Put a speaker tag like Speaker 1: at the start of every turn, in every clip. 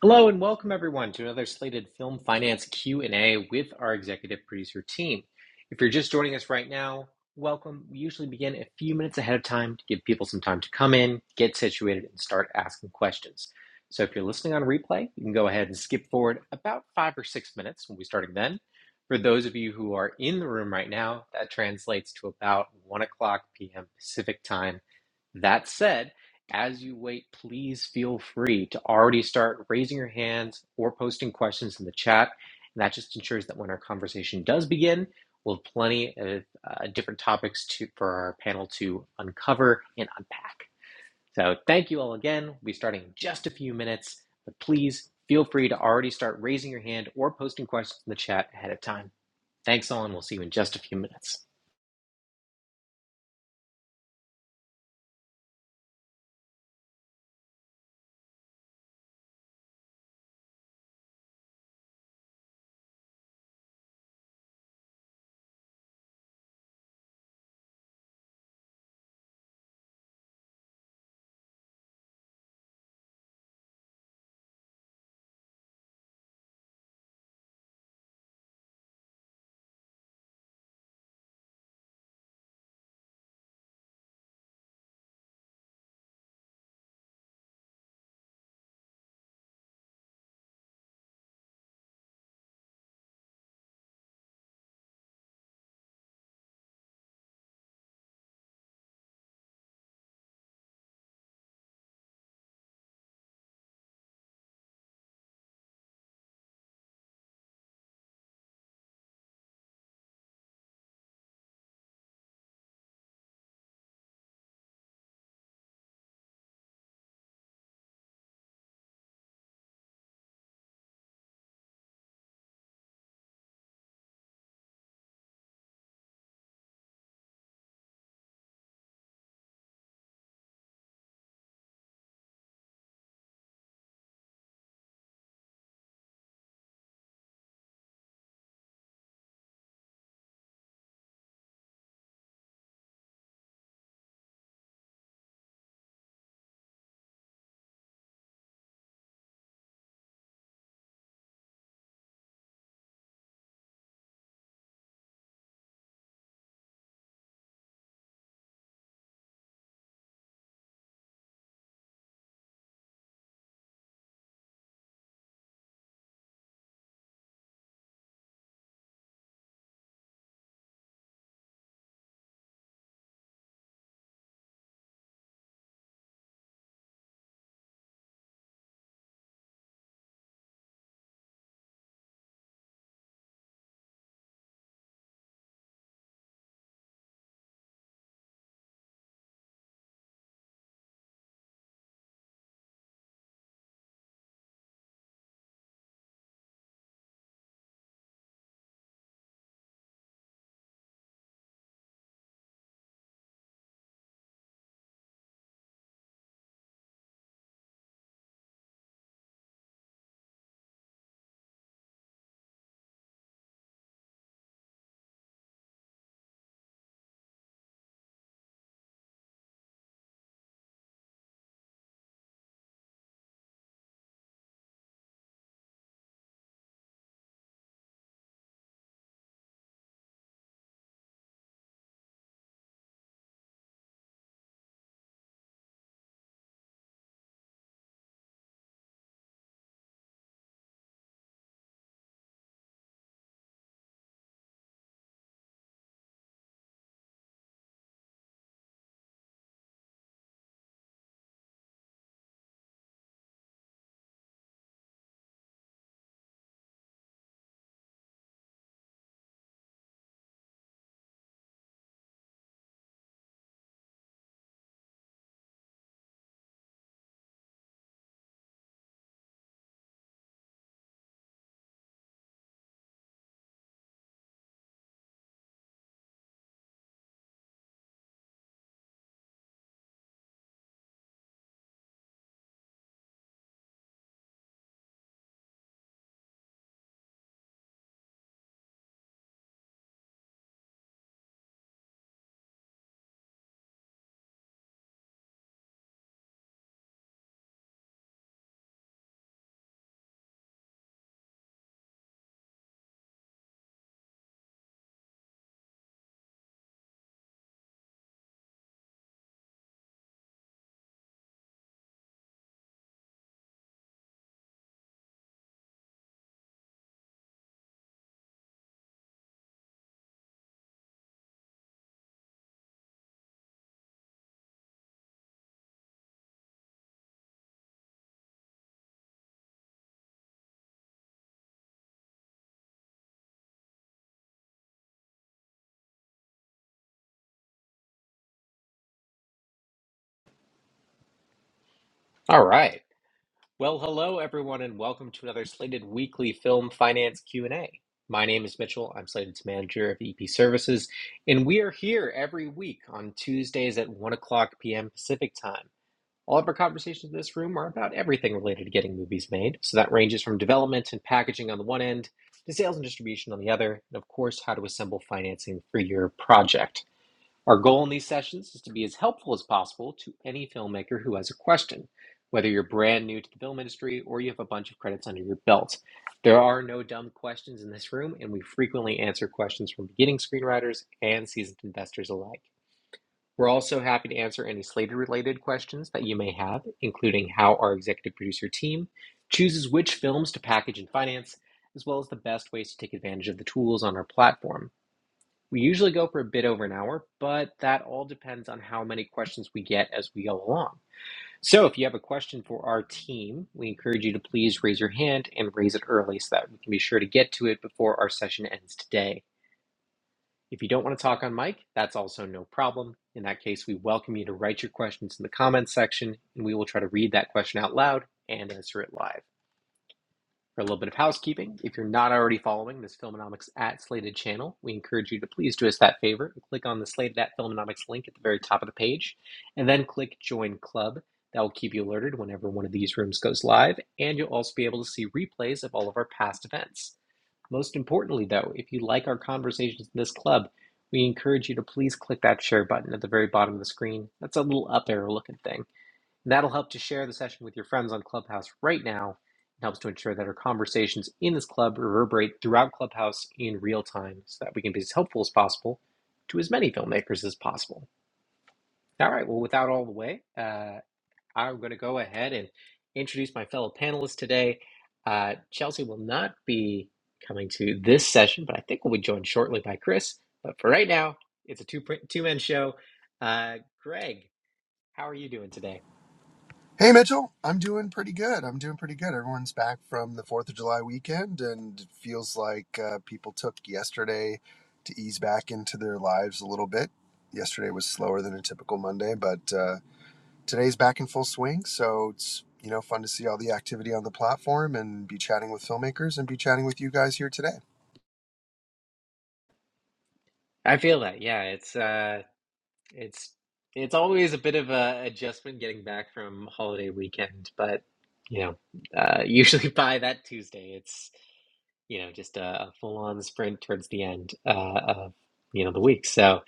Speaker 1: Hello and welcome everyone to another Slated Film Finance Q&A with our executive producer team. If you're just joining us right now, welcome. We usually begin a few minutes ahead of time to give people some time to come in, get situated and start asking questions. So if you're listening on replay, you can go ahead and skip forward about 5 or 6 minutes. We'll be starting then. For those of you who are in the room right now, that translates to about 1 o'clock p.m. Pacific time that said, as you wait, please feel free to already start raising your hands or posting questions in the chat. And that just ensures that when our conversation does begin, we'll have plenty of uh, different topics to, for our panel to uncover and unpack. So thank you all again. We'll be starting in just a few minutes, but please feel free to already start raising your hand or posting questions in the chat ahead of time. Thanks all, and we'll see you in just a few minutes. All right. Well, hello everyone, and welcome to another Slated Weekly Film Finance Q and A. My name is Mitchell. I'm Slated's manager of EP Services, and we are here every week on Tuesdays at one o'clock p.m. Pacific time. All of our conversations in this room are about everything related to getting movies made. So that ranges from development and packaging on the one end to sales and distribution on the other, and of course, how to assemble financing for your project. Our goal in these sessions is to be as helpful as possible to any filmmaker who has a question, whether you're brand new to the film industry or you have a bunch of credits under your belt. There are no dumb questions in this room, and we frequently answer questions from beginning screenwriters and seasoned investors alike. We're also happy to answer any Slater related questions that you may have, including how our executive producer team chooses which films to package and finance, as well as the best ways to take advantage of the tools on our platform. We usually go for a bit over an hour, but that all depends on how many questions we get as we go along. So if you have a question for our team, we encourage you to please raise your hand and raise it early so that we can be sure to get to it before our session ends today. If you don't want to talk on mic, that's also no problem. In that case, we welcome you to write your questions in the comments section and we will try to read that question out loud and answer it live. For a little bit of housekeeping, if you're not already following this Filmonomics at Slated channel, we encourage you to please do us that favor and click on the Slated at Filmonomics link at the very top of the page, and then click Join Club. That will keep you alerted whenever one of these rooms goes live, and you'll also be able to see replays of all of our past events. Most importantly, though, if you like our conversations in this club, we encourage you to please click that share button at the very bottom of the screen. That's a little up arrow looking thing That'll help to share the session with your friends on Clubhouse right now. It helps to ensure that our conversations in this club reverberate throughout Clubhouse in real time so that we can be as helpful as possible to as many filmmakers as possible. All right, well, without all the way, uh, I'm going to go ahead and introduce my fellow panelists today. Uh, Chelsea will not be coming to this session, but I think we'll be joined shortly by Chris. But for right now, it's a two two man show. Uh, Greg, how are you doing today?
Speaker 2: Hey Mitchell, I'm doing pretty good. I'm doing pretty good. Everyone's back from the 4th of July weekend and it feels like uh, people took yesterday to ease back into their lives a little bit. Yesterday was slower than a typical Monday, but uh, today's back in full swing. So it's, you know, fun to see all the activity on the platform and be chatting with filmmakers and be chatting with you guys here today.
Speaker 1: I feel that. Yeah, it's uh it's it's always a bit of a adjustment getting back from holiday weekend, but you know, uh usually by that Tuesday it's you know just a, a full-on sprint towards the end uh of you know the week. So,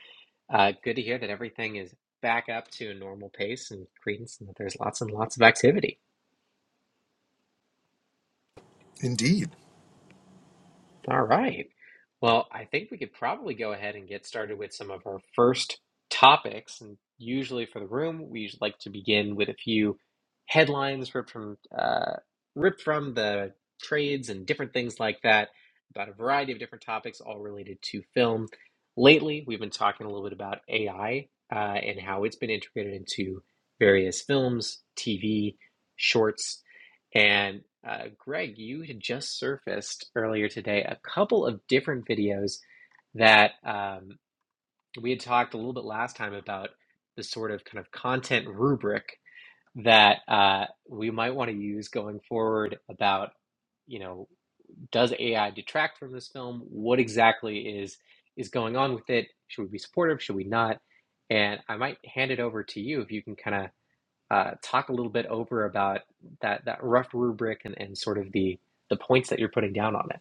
Speaker 1: uh good to hear that everything is back up to a normal pace and cadence and that there's lots and lots of activity.
Speaker 2: Indeed.
Speaker 1: All right. Well, I think we could probably go ahead and get started with some of our first topics. And usually for the room, we usually like to begin with a few headlines ripped from uh, ripped from the trades and different things like that about a variety of different topics, all related to film. Lately, we've been talking a little bit about AI uh, and how it's been integrated into various films, TV, shorts, and uh, Greg, you had just surfaced earlier today a couple of different videos that um, we had talked a little bit last time about the sort of kind of content rubric that uh, we might want to use going forward about, you know, does AI detract from this film? What exactly is is going on with it? Should we be supportive? Should we not? And I might hand it over to you if you can kind of uh, talk a little bit over about that that rough rubric and, and sort of the the points that you're putting down on it.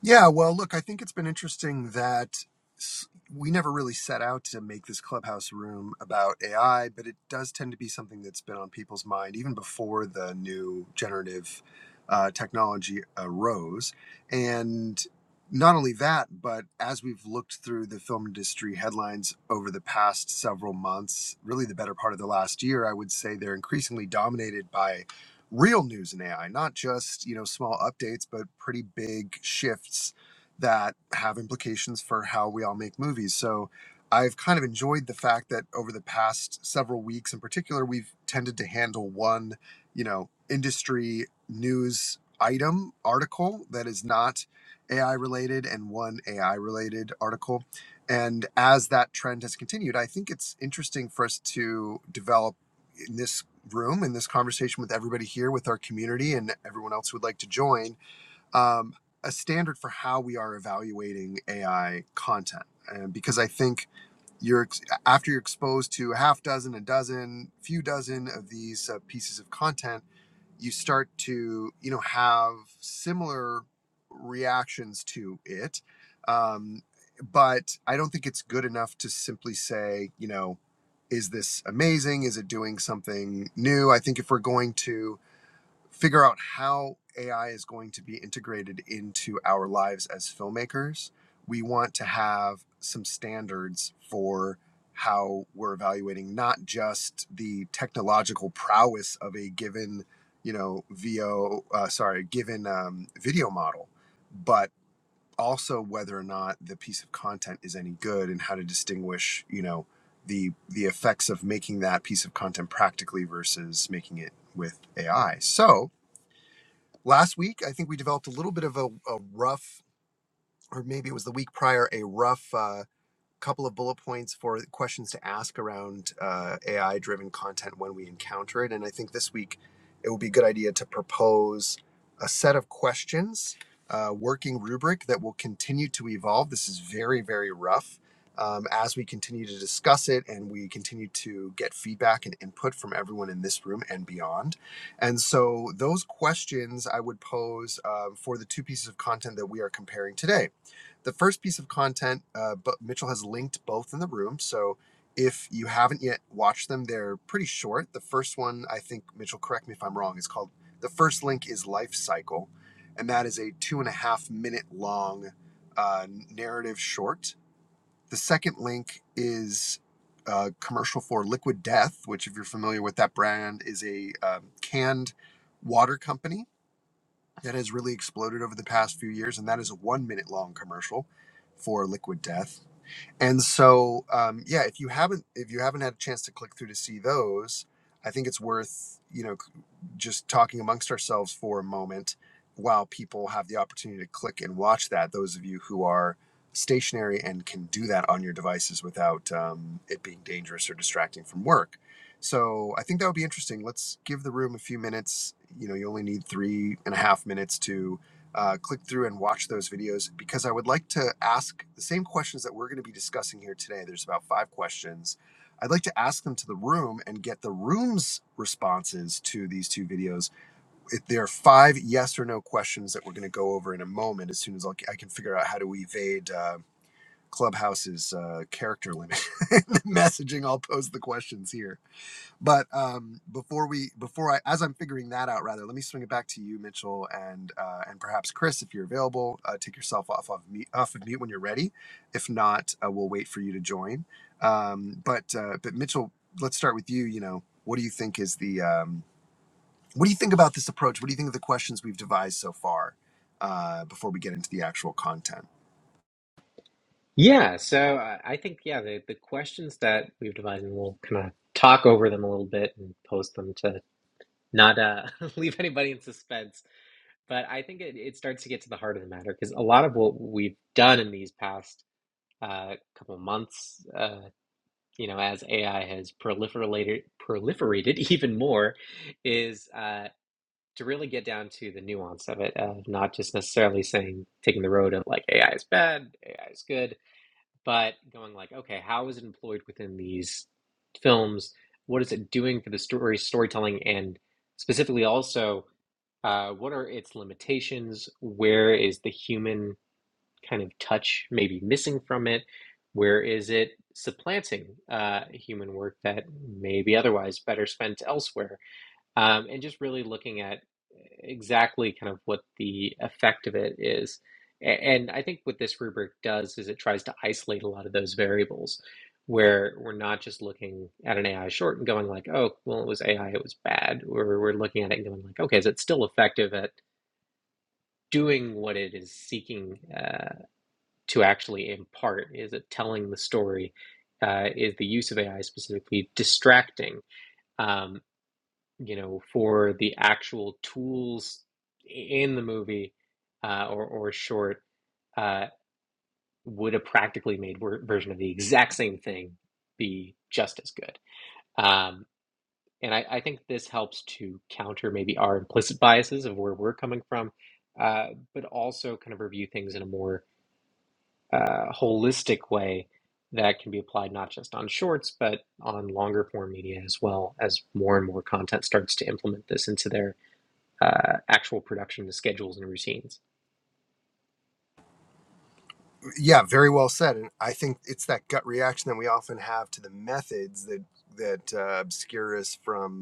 Speaker 2: Yeah, well, look, I think it's been interesting that s- we never really set out to make this clubhouse room about AI, but it does tend to be something that's been on people's mind even before the new generative uh, technology arose. And not only that, but as we've looked through the film industry headlines over the past several months, really the better part of the last year, I would say they're increasingly dominated by real news in AI, not just, you know, small updates, but pretty big shifts that have implications for how we all make movies. So I've kind of enjoyed the fact that over the past several weeks in particular, we've tended to handle one, you know, industry news item article that is not AI related and one AI related article. And as that trend has continued, I think it's interesting for us to develop in this room in this conversation with everybody here, with our community, and everyone else who would like to join, um, a standard for how we are evaluating AI content. And because I think you're after you're exposed to a half dozen, a dozen, few dozen of these uh, pieces of content you start to you know have similar reactions to it um, but i don't think it's good enough to simply say you know is this amazing is it doing something new i think if we're going to figure out how AI is going to be integrated into our lives as filmmakers, we want to have some standards for how we're evaluating not just the technological prowess of a given, you know, VO, uh, sorry, given um, video model, but also whether or not the piece of content is any good and how to distinguish, you know, the the effects of making that piece of content practically versus making it with AI. So, last week i think we developed a little bit of a, a rough or maybe it was the week prior a rough uh, couple of bullet points for questions to ask around uh, AI driven content when we encounter it. And I think this week it would be a good idea to propose a set of questions, a working rubric that will continue to evolve. This is very, very rough. Um, as we continue to discuss it and we continue to get feedback and input from everyone in this room and beyond. And so, those questions I would pose um, for the two pieces of content that we are comparing today the first piece of content, uh, but Mitchell has linked both in the room. So if you haven't yet watched them, they're pretty short. The first one, I think, Mitchell, correct me if I'm wrong, is called The First Link is Life Cycle. And that is a two and a half minute long uh, narrative short. The second link is a commercial for Liquid Death, which, if you're familiar with that brand, is a um, canned water company that has really exploded over the past few years, and that is a one minute long commercial for Liquid Death. And so, um, yeah, if you haven't if you haven't had a chance to click through to see those, I think it's worth you know just talking amongst ourselves for a moment while people have the opportunity to click and watch that. Those of you who are stationary and can do that on your devices without um, it being dangerous or distracting from work. So I think that would be interesting. Let's give the room a few minutes. You know, you only need three and a half minutes to uh, click through and watch those videos because I would like to ask the same questions that we're going to be discussing here today. There's about five questions I'd like to ask them to the room and get the room's responses to these two videos. If there are five yes or no questions that we're going to go over in a moment, as soon as I'll, I can figure out how to evade uh, Clubhouse's uh, character limit messaging, I'll pose the questions here but um, before we, before I, as I'm figuring that out, rather, let me swing it back to you, Mitchell, and uh, and perhaps Chris, if you're available, uh, take yourself off of mute, off of mute when you're ready. If not, uh, we'll wait for you to join. Um, but uh, but Mitchell, let's start with you. You know, what do you think is the um, what do you think about this approach? What do you think of the questions we've devised so far? Uh, before we get into the actual content,
Speaker 1: Yeah, so I I think yeah, the, the questions that we've devised, and we'll kind of talk over them a little bit and post them to not uh, leave anybody in suspense. But I think it, it starts to get to the heart of the matter because a lot of what we've done in these past uh, couple of months uh, you know, as AI has proliferated proliferated even more, is uh, to really get down to the nuance of it, of not just necessarily saying taking the road of like AI is bad, AI is good, but going like, okay, how is it employed within these films? What is it doing for the story storytelling, and specifically also, uh, what are its limitations? Where is the human? kind of touch maybe missing from it? Where is it supplanting uh, human work that may be otherwise better spent elsewhere? Um, and just really looking at exactly kind of what the effect of it is. A- And I think what this rubric does is it tries to isolate a lot of those variables where we're not just looking at an AI short and going like, oh, well, it was AI, it was bad. Or we're looking at it and going like, okay, is it still effective at doing what it is seeking uh, to actually impart is it telling the story uh, is the use of ai specifically distracting um, you know for the actual tools in the movie uh, or, or short uh, would a practically made wor- version of the exact same thing be just as good um, and I, I think this helps to counter maybe our implicit biases of where we're coming from uh, but also kind of review things in a more uh, holistic way that can be applied not just on shorts but on longer form media as well as more and more content starts to implement this into their uh, actual production schedules and routines
Speaker 2: yeah, very well said. And I think it's that gut reaction that we often have to the methods that that uh, obscure us from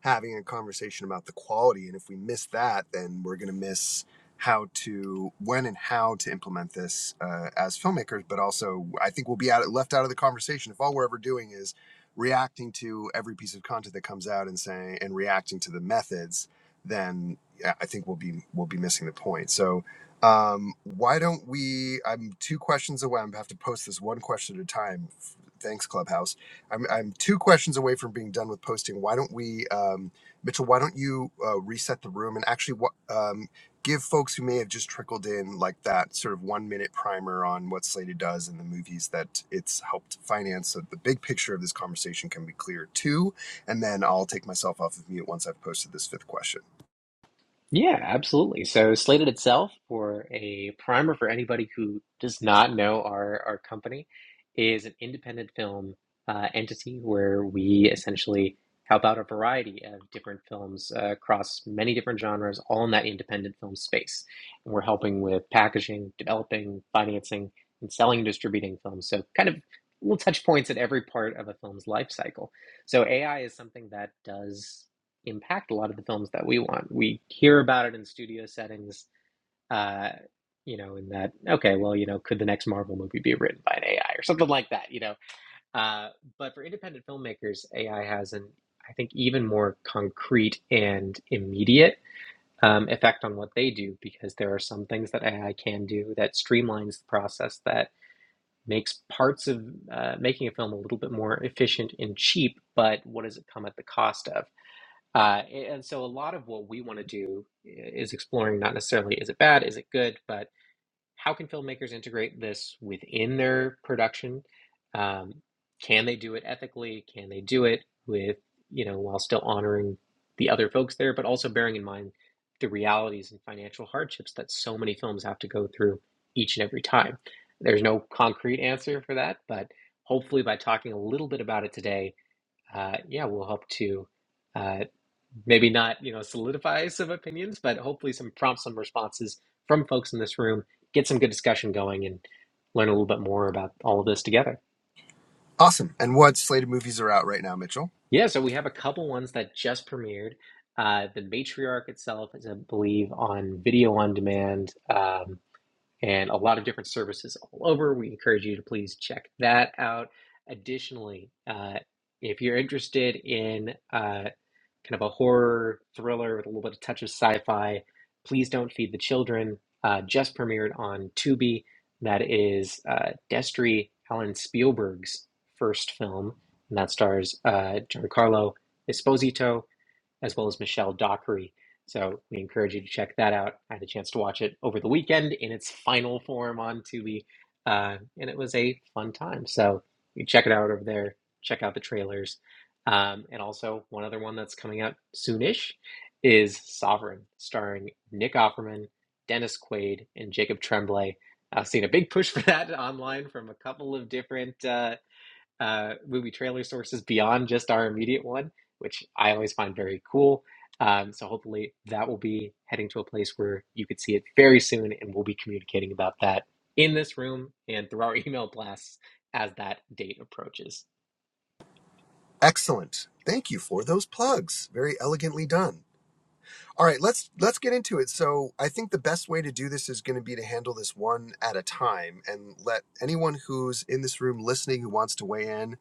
Speaker 2: having a conversation about the quality. And if we miss that, then we're going to miss how to, when and how to implement this uh, as filmmakers. But also, I think we'll be out, left out of the conversation if all we're ever doing is reacting to every piece of content that comes out and saying and reacting to the methods. Then yeah, I think we'll be we'll be missing the point. So um, why don't we? I'm two questions away. I'm gonna have to post this one question at a time. Thanks, Clubhouse I'm, I'm two questions away from being done with posting. Why don't we, um, Mitchell? Why don't you uh, reset the room and actually um, give folks who may have just trickled in like that sort of one minute primer on what Slated does and the movies that it's helped finance, so the big picture of this conversation can be clear too. And then I'll take myself off of mute once I've posted this fifth question.
Speaker 1: Yeah, absolutely. So Slated itself, for a primer for anybody who does not know our, our company, is an independent film uh, entity where we essentially help out a variety of different films uh, across many different genres, all in that independent film space. And we're helping with packaging, developing, financing, and selling and distributing films. So kind of little touch points at every part of a film's life cycle. So AI is something that does impact a lot of the films that we want. We hear about it in studio settings, uh, you know, in that, okay, well, you know, could the next Marvel movie be written by an AI or something like that, you know? Uh, but for independent filmmakers, AI has an, I think, even more concrete and immediate um, effect on what they do because there are some things that AI can do that streamlines the process that makes parts of uh, making a film a little bit more efficient and cheap, but what does it come at the cost of? Uh, and so a lot of what we want to do eh, is exploring not necessarily is it bad, is it good, but how can filmmakers integrate this within their production? Um, can they do it ethically? Can they do it with, you know, while still honoring the other folks there, but also bearing in mind the realities and financial hardships that so many films have to go through each and every time? There's no concrete answer for that, but hopefully by talking a little bit about it today, uh, yeah, we'll help to. uh, maybe not you know solidify some opinions but hopefully some prompts, some responses from folks in this room get some good discussion going and learn a little bit more about all of this together
Speaker 2: Awesome. And what Slated movies are out right now, Mitchell?
Speaker 1: yeah so we have a couple ones that just premiered uh, the matriarch itself is i believe on video on demand um, and a lot of different services all over we encourage you to please check that out additionally uh, if you're interested in uh, kind of a horror thriller with a little bit of touch of sci-fi. Please don't feed the children. Uh, just premiered on Tubi. That is uh, Destry Alan Spielberg's first film, and that stars uh, Giancarlo Esposito as well as Michelle Dockery. So we encourage you to check that out. I had a chance to watch it over the weekend in its final form on Tubi, uh, and it was a fun time. So you check it out over there. Check out the trailers, um, and also one other one that's coming out soonish is Sovereign, starring Nick Offerman, Dennis Quaid, and Jacob Tremblay. I've seen a big push for that online from a couple of different uh, uh, movie trailer sources beyond just our immediate one, which I always find very cool. Um, so hopefully that will be heading to a place where you could see it very soon, and we'll be communicating about that in this room and through our email blasts as that date approaches.
Speaker 2: Excellent. Thank you for those plugs. Very elegantly done. All right, let's let's get into it. So, I think the best way to do this is going to be to handle this one at a time and let anyone who's in this room listening who wants to weigh in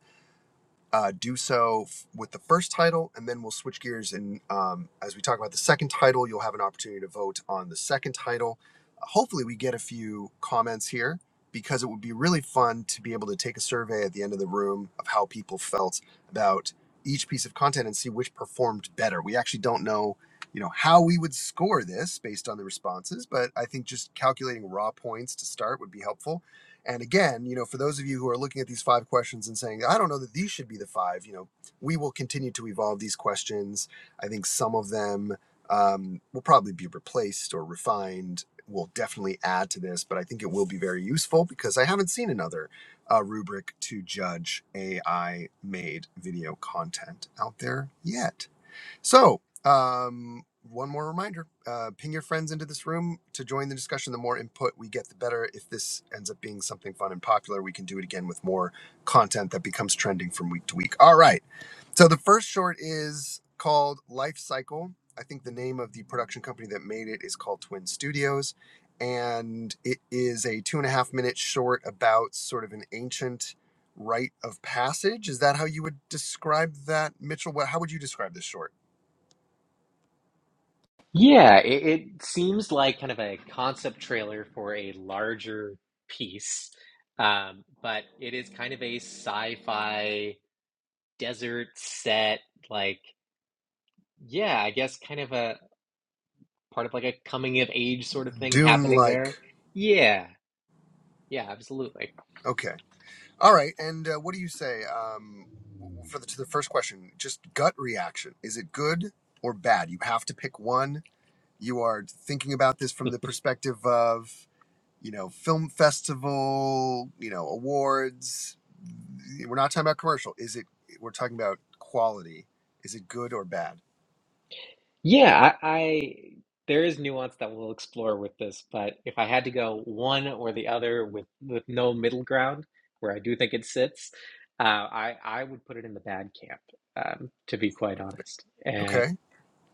Speaker 2: uh, do so f- with the first title, and then we'll switch gears. And um, as we talk about the second title, you'll have an opportunity to vote on the second title. Uh, hopefully, we get a few comments here because it would be really fun to be able to take a survey at the end of the room of how people felt about each piece of content and see which performed better. We actually don't know, you know, how we would score this based on the responses, but I think just calculating raw points to start would be helpful and again, you know, for those of you who are looking at these five questions and saying, I don't know that these should be the five, you know, we will continue to evolve these questions. I think some of them um, will probably be replaced or refined. We'll definitely add to this, but I think it will be very useful because I haven't seen another uh, rubric to judge AI made video content out there yet. So, um, one more reminder uh, ping your friends into this room to join the discussion. The more input we get, the better. If this ends up being something fun and popular, we can do it again with more content that becomes trending from week to week. All right. So, the first short is called Life Cycle. I think the name of the production company that made it is called Twin Studios. And it is a two and a half minute short about sort of an ancient rite of passage. Is that how you would describe that, Mitchell? What, how would you describe this short?
Speaker 1: Yeah, it, it seems like kind of a concept trailer for a larger piece, um, but it is kind of a sci-fi desert set, like yeah, I guess kind of a part of like a coming of age sort of thing
Speaker 2: Dune
Speaker 1: happening there.
Speaker 2: like.
Speaker 1: Yeah, yeah, absolutely.
Speaker 2: Okay. All right. And uh, what do you say um, for the, to the first question? Just gut reaction. Is it good or bad? You have to pick one. You are thinking about this from the perspective of, you know, film festival, you know, awards. We're not talking about commercial. Is it, we're talking about quality. Is it good or bad?
Speaker 1: Yeah, I, I there is nuance that we'll explore with this, but if I had to go one or the other with with no middle ground, where I do think it sits, uh, I I would put it in the bad camp, um, to be quite honest.
Speaker 2: Okay.
Speaker 1: And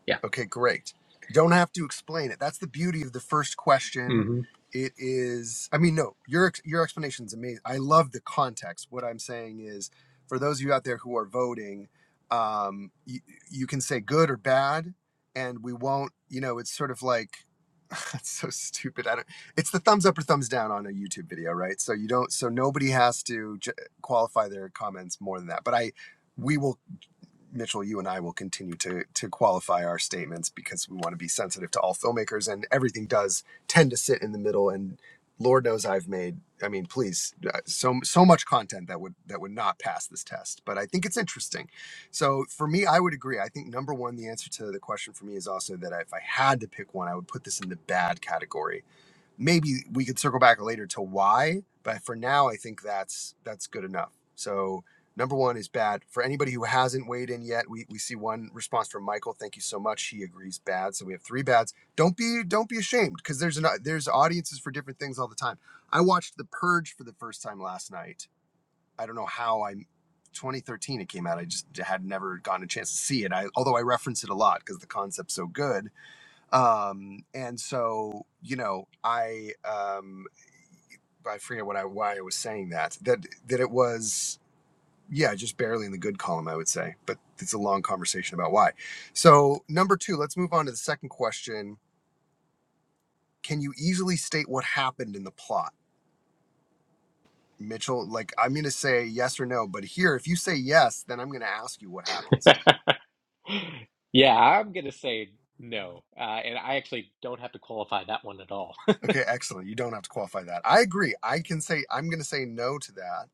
Speaker 1: yeah,
Speaker 2: Okay, great. You don't have to explain it. That's the beauty of the first question.
Speaker 1: hmm
Speaker 2: It is, I mean, no, your ex- your explanation is amazing. I love the context. What I'm saying is, for those of you out there who are voting, um, you, you can say good or bad, and we won't. You know, it's sort of like it's so stupid. I don't. It's the thumbs up or thumbs down on a YouTube video, right? So you don't. So nobody has to j- qualify their comments more than that. But I, we will. Mitchell, you and I will continue to to qualify our statements because we want to be sensitive to all filmmakers, and everything does tend to sit in the middle. And Lord knows I've made, I mean, please, uh, so so much content that would that would not pass this test, but I think it's interesting. So for me, I would agree. I think number one, the answer to the question for me is also that if I had to pick one, I would put this in the bad category maybe we could circle back later to why but for now i think that's that's good enough so number one is bad for anybody who hasn't weighed in yet we, we see one response from michael thank you so much he agrees bad so we have three bads don't be don't be ashamed because there's an there's audiences for different things all the time i watched the purge for the first time last night i don't know how i 2013 it came out i just had never gotten a chance to see it I, although i reference it a lot because the concept's so good um and so you know i um i forget what i why i was saying that that that it was yeah just barely in the good column i would say but it's a long conversation about why so number two let's move on to the second question can you easily state what happened in the plot mitchell like i'm going to say yes or no but here if you say yes then i'm going to ask you what happens
Speaker 1: yeah, I'm gonna say no, uh, and I actually don't have to qualify that one at all.
Speaker 2: okay excellent you don't have to qualify that i agree i can say i'm going to say no to that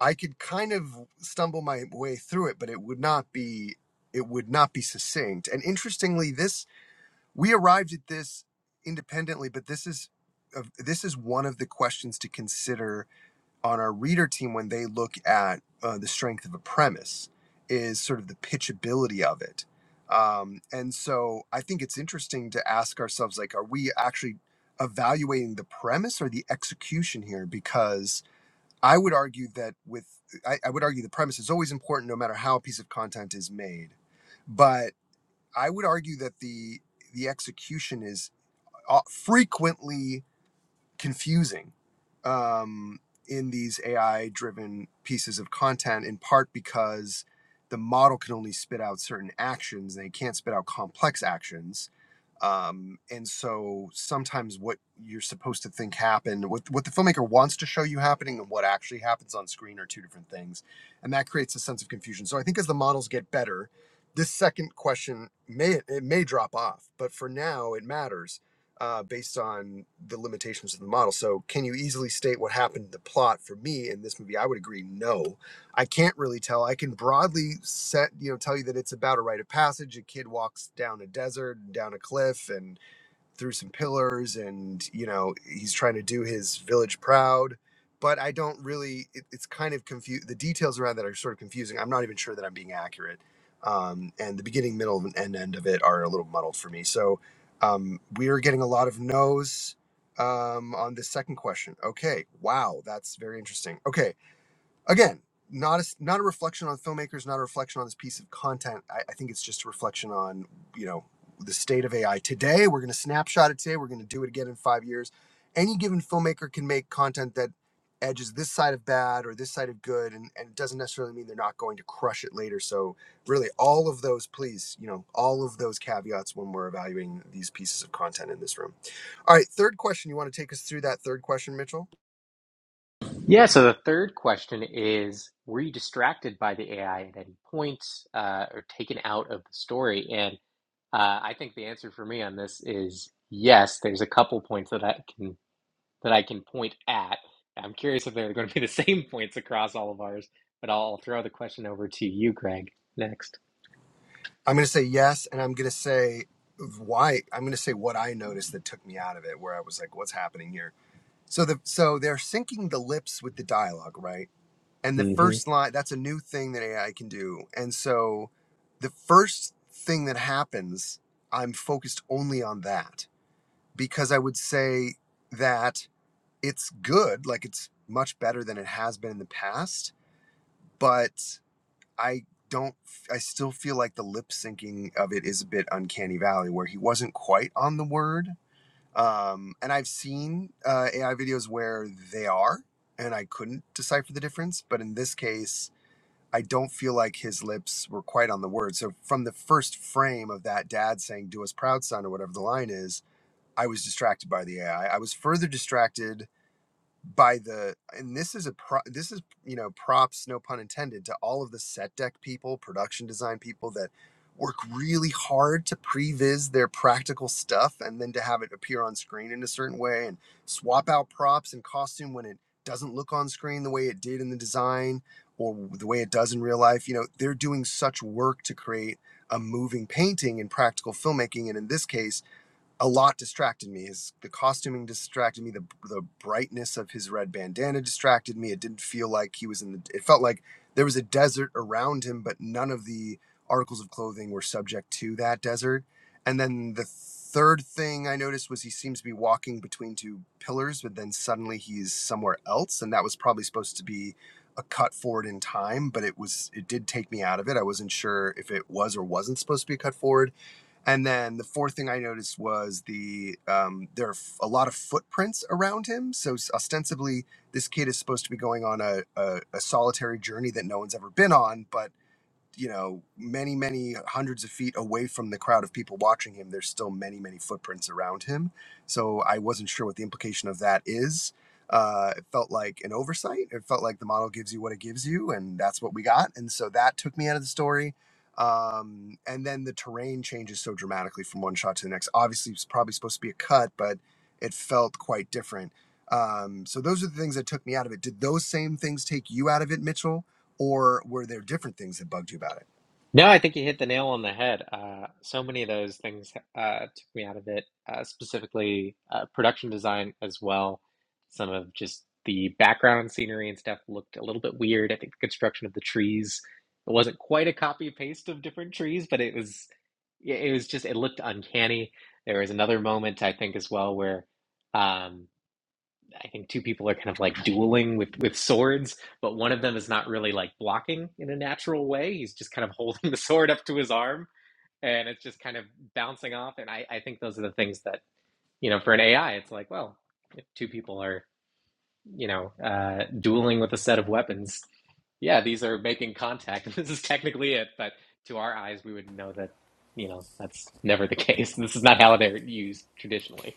Speaker 2: I could kind of stumble my way through it, but it would not be it would not be succinct. And interestingly, this we arrived at this independently, but this is of this is one of the questions to consider on our reader team when they look at uh, the strength of a premise is sort of the pitchability of it. Um, and so I think it's interesting to ask ourselves like, are we actually evaluating the premise or the execution here? Because I would argue that with I, I would argue the premise is always important no matter how a piece of content is made. But I would argue that the the execution is uh, frequently confusing um, in these AI driven pieces of content in part because the model can only spit out certain actions they can't spit out complex actions um, and so sometimes what you're supposed to think happened what, what the filmmaker wants to show you happening and what actually happens on screen are two different things and that creates a sense of confusion so i think as the models get better this second question may it may drop off but for now it matters uh, based on the limitations of the model so can you easily state what happened to the plot for me in this movie i would agree no I can't really tell. I can broadly set, you know, tell you that it's about a rite of passage. A kid walks down a desert, and down a cliff, and through some pillars, and you know, he's trying to do his village proud. But I don't really. It, it's kind of confused. The details around that are sort of confusing. I'm not even sure that I'm being accurate. Um, and the beginning, middle, and end of it are a little muddled for me. So um, we are getting a lot of no's um, on the second question. Okay, wow, that's very interesting. Okay Again, not a not a reflection on filmmakers, not a reflection on this piece of content. I, I think it's just a reflection on you know the state of AI today. We're going to snapshot it today. We're going to do it again in five years. Any given filmmaker can make content that edges this side of bad or this side of good, and, and it doesn't necessarily mean they're not going to crush it later. So really, all of those, please, you know, all of those caveats when we're evaluating these pieces of content in this room. All right, third question. You want to take us through that third question, Mitchell?
Speaker 1: Yeah, so the third question is Were you distracted by the AI at any point uh, or taken out of the story? And uh, I think the answer for me on this is yes. There's a couple points that I can that I can point at. I'm curious if they're going to be the same points across all of ours, but I'll throw the question over to you, Greg, next.
Speaker 2: I'm going to say yes, and I'm going to say why. I'm going to say what I noticed that took me out of it, where I was like, "What's happening here?" So the so they're syncing the lips with the dialogue, right? And the first line that's a new thing that AI can do, and so the first thing that happens, I'm focused only on that because I would say that it's good, like it's much better than it has been in the past, but I don't. I still feel like the lip syncing of it is a bit uncanny valley, where he wasn't quite on the word. Um, and I've seen uh, AI videos where they are, and I couldn't decipher the difference. But in this case, I don't feel like his lips were quite on the word. So from the first frame of that dad saying "Do us proud, son" or whatever the line is, I was distracted by the AI. I I was further distracted by the and this is a pro this is you know props no pun intended to all of the set deck people production design people that work really hard to previs their practical stuff and then to have it appear on screen in a certain way and swap out props and costume when it doesn't look on screen the way it did in the design or the way it does in real life you know they're doing such work to create a moving painting in practical filmmaking and in this case a lot distracted me. His the costuming distracted me. The the brightness of his red bandana distracted me. It didn't feel like he was in the. It felt like there was a desert around him, but none of the articles of clothing were subject to that desert. And then the third thing I noticed was he seems to be walking between two pillars, but then suddenly he's somewhere else, and that was probably supposed to be a cut forward in time but it was it did take me out of it i wasn't sure if it was or wasn't supposed to be a cut forward and then the fourth thing I noticed was the um, there are f- a lot of footprints around him. So ostensibly, this kid is supposed to be going on a, a, a solitary journey that no one's ever been on, but you know, many, many hundreds of feet away from the crowd of people watching him, there's still many, many footprints around him. So I wasn't sure what the implication of that is. Uh, it felt like an oversight. It felt like the model gives you what it gives you, and that's what we got. And so that took me out of the story. Um, and then the terrain changes so dramatically from one shot to the next. Obviously, it's probably supposed to be a cut, but it felt quite different um, so those are the things that took me out of it. Did those same things take you out of it, Mitchell, or were there different things that bugged you about it?
Speaker 1: No, I think you hit the nail on the head. Uh, so many of those things uh, took me out of it, uh, specifically uh, production design as well. Some of just the background scenery and stuff looked a little bit weird. I think the construction of the trees, it wasn't quite a copy paste of different trees, but it was, yeah, it was just, it looked uncanny. There was another moment, I think, as well, where. um, I think two people are kind of like dueling with with swords, but one of them is not really like blocking in a natural way. He's just kind of holding the sword up to his arm and it's just kind of bouncing off. And I, I think those are the things that, you know, for an AI, it's like, well, if two people are, you know, uh, dueling with a set of weapons, yeah, these are making contact. and This is technically it, but to our eyes, we would know that, you know, that's never the case. This is not how they're used traditionally.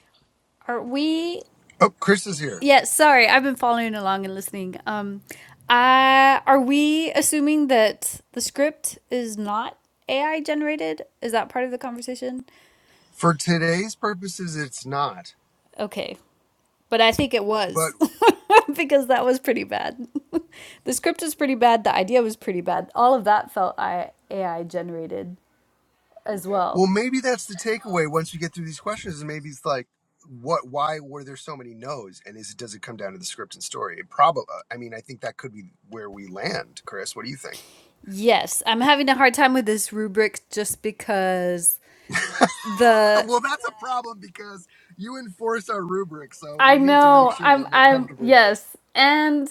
Speaker 3: Are we?
Speaker 2: Oh, Chris is here.
Speaker 3: Yeah, sorry, I've been following along and listening. Um, uh, are we assuming that the script is not AI generated? Is that part of the conversation?
Speaker 2: For today's purposes, it's not.
Speaker 3: Okay, but I think it
Speaker 2: But
Speaker 3: was because that was pretty bad. The script was pretty bad. The idea was pretty bad. All of that felt A I AI generated as
Speaker 2: well,
Speaker 3: well.
Speaker 2: maybe that's the takeaway. Once you get through these questions, is maybe it's like, what? Why were there so many no's? And is it does it come down to the script and story? It probably. I mean, I think that could be where we land, Chris. What do you think?
Speaker 3: Yes, I'm having a hard time with this rubric just because the
Speaker 2: well, that's a problem because you enforce our rubric, so
Speaker 3: I
Speaker 2: we need to make
Speaker 3: know.
Speaker 2: sure that
Speaker 3: I'm
Speaker 2: you're
Speaker 3: I'm
Speaker 2: comfortable with this.
Speaker 3: yes. And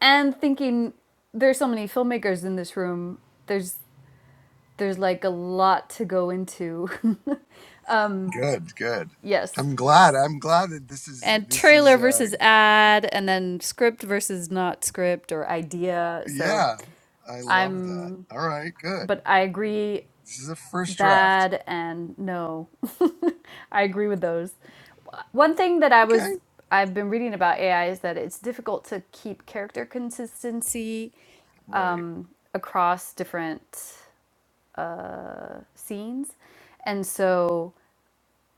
Speaker 3: and thinking there's so many filmmakers in this room. There's there's like a lot to go into. um
Speaker 2: Good, good.
Speaker 3: yes.
Speaker 2: I'm glad. I'm glad that this is
Speaker 3: And
Speaker 2: this is
Speaker 3: trailer
Speaker 2: uh
Speaker 3: versus ad and then script versus not script or idea. So
Speaker 2: yeah. I love that.
Speaker 3: I'm
Speaker 2: All right, good.
Speaker 3: but I agree
Speaker 2: This is a first draft.
Speaker 3: bad and no. I agree with those. One thing that I
Speaker 2: Okay.
Speaker 3: was I've been reading about AI is that it's difficult to keep character consistency
Speaker 2: Right.
Speaker 3: um, across different uh, scenes, and so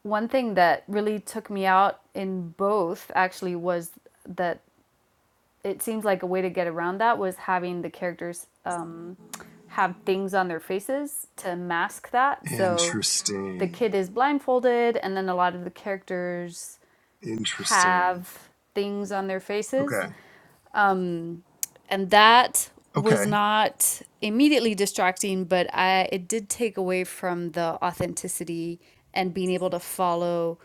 Speaker 3: one thing that really took me out in both actually was that it seems like a way to get around that was having the characters um, have things on their faces to mask that. So the
Speaker 2: Interesting.
Speaker 3: kid is blindfolded, and then a lot of the characters
Speaker 2: Interesting.
Speaker 3: have things on their faces.
Speaker 2: Okay.
Speaker 3: Um, and that
Speaker 2: Okay.
Speaker 3: was not immediately distracting, but I it did take away from the authenticity and being able to follow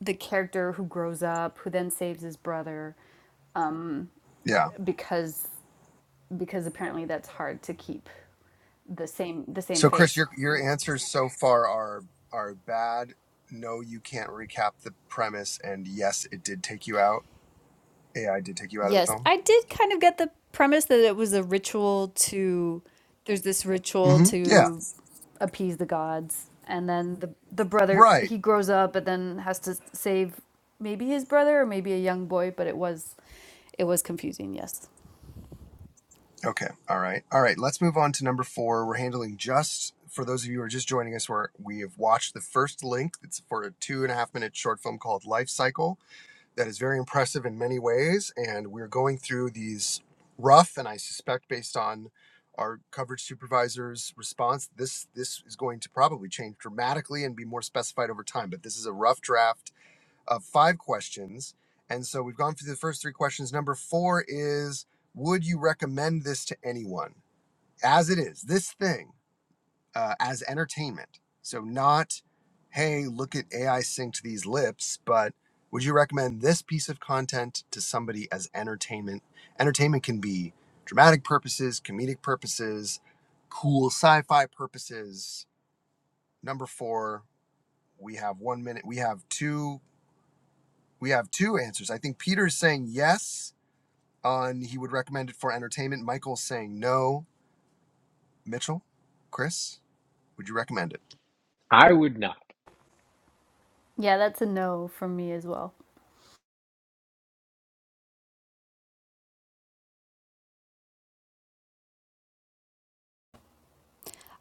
Speaker 3: the character who grows up, who then saves his brother
Speaker 2: Yeah.
Speaker 3: because because apparently that's hard to keep the same the same
Speaker 2: So Chris,
Speaker 3: face.
Speaker 2: your your answers so far are are bad. No, you can't recap the premise and yes, it did take you out. AI did take you out of the
Speaker 3: Yes,
Speaker 2: film.
Speaker 3: I did kind of get the premise that it was a ritual to there's this ritual
Speaker 2: Mhm. Yeah.
Speaker 3: to Appease the gods, and then the the brother
Speaker 2: Right.
Speaker 3: he grows up, and then has to save maybe his brother or maybe a young boy. But it was it was confusing, yes.
Speaker 2: Okay. All right. All right. Let's move on to number four. We're handling just for those of you who are just joining us, where we have watched the first link. It's for a two and a half minute short film called Life Cycle that is very impressive in many ways. And we're going through these rough, and I suspect based on our coverage supervisor's response, this this is going to probably change dramatically and be more specified over time. But this is a rough draft of five questions. And so we've gone through the first three questions. Number four is Would you recommend this to anyone? As it is, this thing uh, as entertainment. So, not, hey, look at AI synced these lips, but would you recommend this piece of content to somebody as entertainment? Entertainment can be dramatic purposes, comedic purposes, cool sci fi purposes. Number four, we have one minute, we have two We have two answers. I think Peter's saying yes on he would recommend it for entertainment. Michael's saying no. Mitchell, Chris, would you recommend it?
Speaker 1: I would not.
Speaker 3: yeah, that's a no from me as well.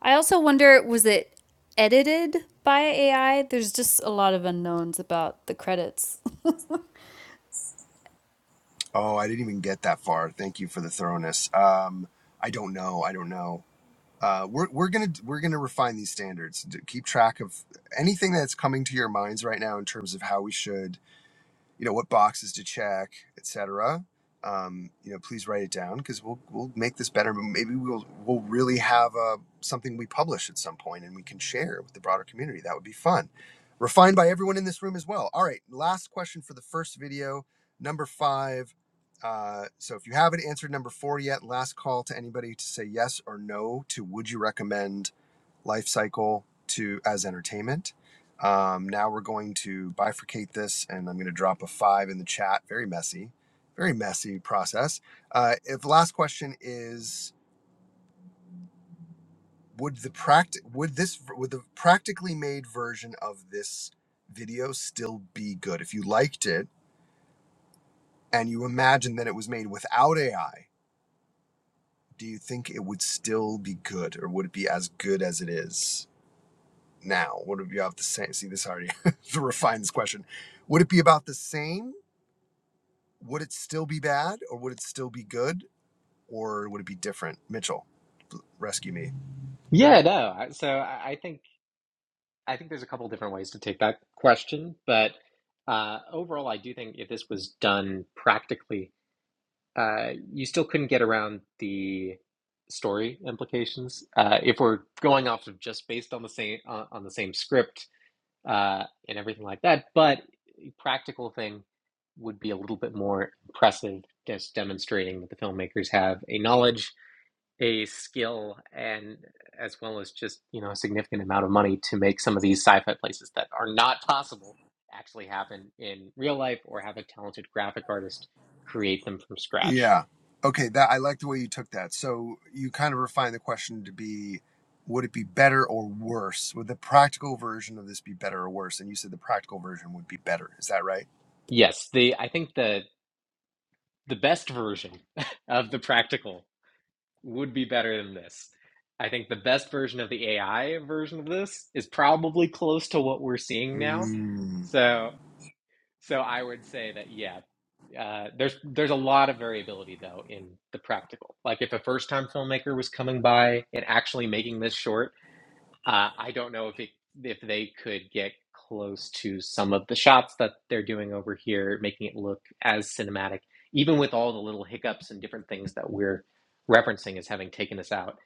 Speaker 3: I also wonder was it edited by AI? There's just a lot of unknowns about the credits.
Speaker 2: Oh, I didn't even get that far. Thank you for the thoroughness. Um, I don't know. I don't know. Uh, we're we're gonna we're gonna refine these standards. Keep track of anything that's coming to your minds right now in terms of how we should you know what boxes to check, etc. Um, you know, please write it down because we'll we'll make this better. But Maybe we'll we'll really have a something we publish at some point and we can share with the broader community. That would be fun. Refined by everyone in this room as well. All right, last question for the first video, number five. Uh, so if you haven't answered number four yet, last call to anybody to say yes or no to would you recommend life cycle to as entertainment. Um, now we're going to bifurcate this, and I'm going to drop a five in the chat. Very messy, very messy process. Uh, if the last question is, would the practic would this would the practically made version of this video still be good if you liked it and you imagine that it was made without AI? Do you think it would still be good, or would it be as good as it is? now? What do you have to say? See, this already to refine this question. Would it be about the same? Would it still be bad, or would it still be good, or would it be different? Mitchell, rescue me.
Speaker 1: Yeah, no. So I think I think there's a couple different ways to take that question, but uh, overall, I do think if this was done practically, uh, you still couldn't get around the story implications. Uh, if we're going off of just based on the same on, on the same script uh, and everything like that, but a practical thing would be a little bit more impressive, just demonstrating that the filmmakers have a knowledge a skill and as well as just you know a significant amount of money to make some of these sci-fi places that are not possible actually happen in real life or have a talented graphic artist create them from scratch
Speaker 2: Yeah. Okay. That I like the way you took that. So you kind of refined the question to be, would it be better or worse? Would the practical version of this be better or worse? And you said the practical version would be better. Is that right?
Speaker 1: yes the i think the the best version of the practical would be better than this i think the best version of the ai version of this is probably close to what we're seeing now
Speaker 2: Mm.
Speaker 1: so so i would say that yeah. Uh, there's there's a lot of variability though in the practical. Like if a first time filmmaker was coming by and actually making this short, uh, I don't know if it, if they could get close to some of the shots that they're doing over here, making it look as cinematic, even with all the little hiccups and different things that we're referencing as having taken us out.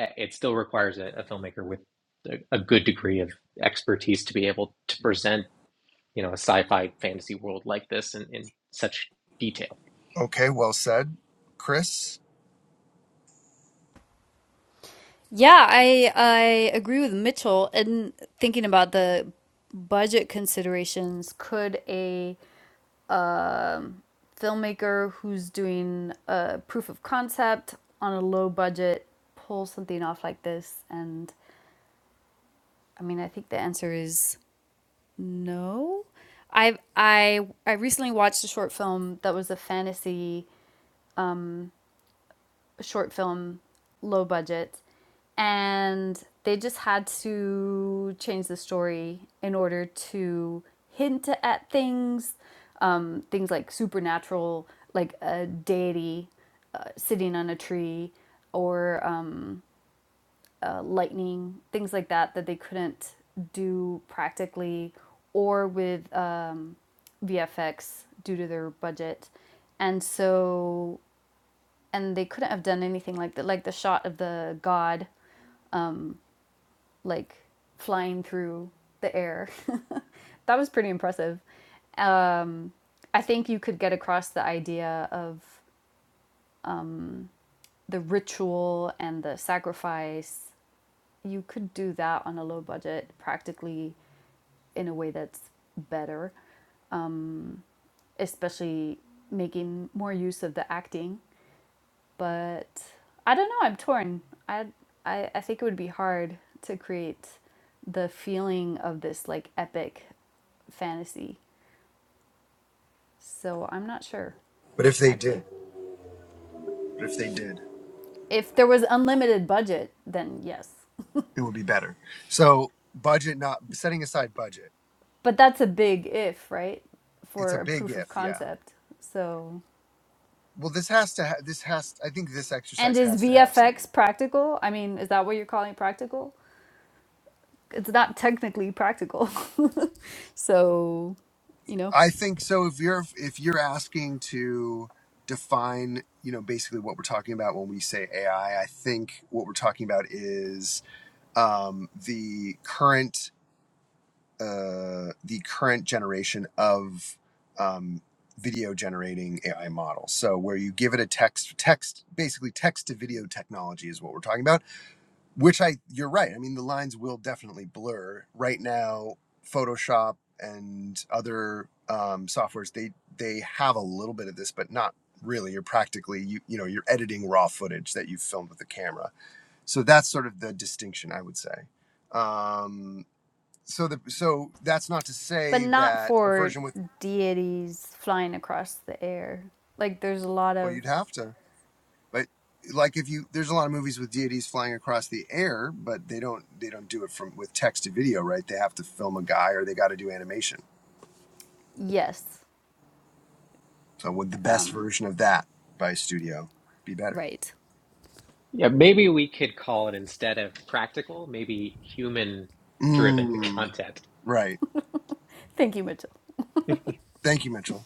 Speaker 1: uh, It still requires a, a filmmaker with a, a good degree of expertise to be able to present, you know, a sci-fi fantasy world like this in, in such detail.
Speaker 2: Okay. Well said, Chris.
Speaker 3: Yeah, I I agree with Mitchell And thinking about the budget considerations. Could a um, filmmaker who's doing a proof of concept on a low budget pull something off like this? And I mean, I think the answer is no. I I I recently watched a short film that was a fantasy. short film, low budget, and they just had to change the story in order to hint at things, um, things like supernatural, like a deity uh, sitting on a tree, or um, uh, lightning, things like that that they couldn't do practically or with um, VFX due to their budget. And so and they couldn't have done anything like that like the shot of the god like flying through the air that was pretty impressive um, i think you could get across the idea of the ritual and the sacrifice you could do that on a low budget practically in a way that's better especially making more use of the acting but I don't know. I'm torn. I, I I think it would be hard to create the feeling of this like epic fantasy. So I'm not sure
Speaker 2: But if they
Speaker 3: actually.
Speaker 2: did, but if they did.
Speaker 3: If there was unlimited budget, then yes.
Speaker 2: it would be better. So budget not setting aside budget.
Speaker 3: But that's a big if, right?
Speaker 2: It's a
Speaker 3: For a
Speaker 2: big
Speaker 3: proof of
Speaker 2: if, yeah.
Speaker 3: concept. So
Speaker 2: Well, this has to ha- this has I think this
Speaker 3: and
Speaker 2: exercise
Speaker 3: is
Speaker 2: has to have something.
Speaker 3: VFX practical? I mean, is that what you're calling practical? It's not technically practical. so, you know.
Speaker 2: I think so if you're if you're asking to define, you know, basically what we're talking about when we say AI, I I think what we're talking about is um the current uh, the current generation of um, video generating AI models. So where you give it a text, text basically text to video technology is what we're talking about. Which I, you're right. I mean, the lines will definitely blur. Right now, Photoshop and other um, softwares they they have a little bit of this, but not really. You're practically you you know you're editing raw footage that you filmed with the camera. So that's sort of the distinction I would say. Um, so the so that's not to
Speaker 3: but
Speaker 2: say
Speaker 3: not
Speaker 2: that a
Speaker 3: for
Speaker 2: version with
Speaker 3: deities flying across the air. Like there's a lot
Speaker 2: well
Speaker 3: of
Speaker 2: you'd have to but like if you there's a lot of movies with deities flying across the air but they don't they don't do it from with text to video right they have to film a guy or they got to do animation
Speaker 3: yes,
Speaker 2: so would the best
Speaker 3: um,
Speaker 2: version of that by a studio be better
Speaker 3: Right.
Speaker 1: Yeah, maybe we could call it instead of practical, maybe human driven
Speaker 2: mm,
Speaker 1: content.
Speaker 2: right
Speaker 3: thank you, Mitchell.
Speaker 2: thank you mitchell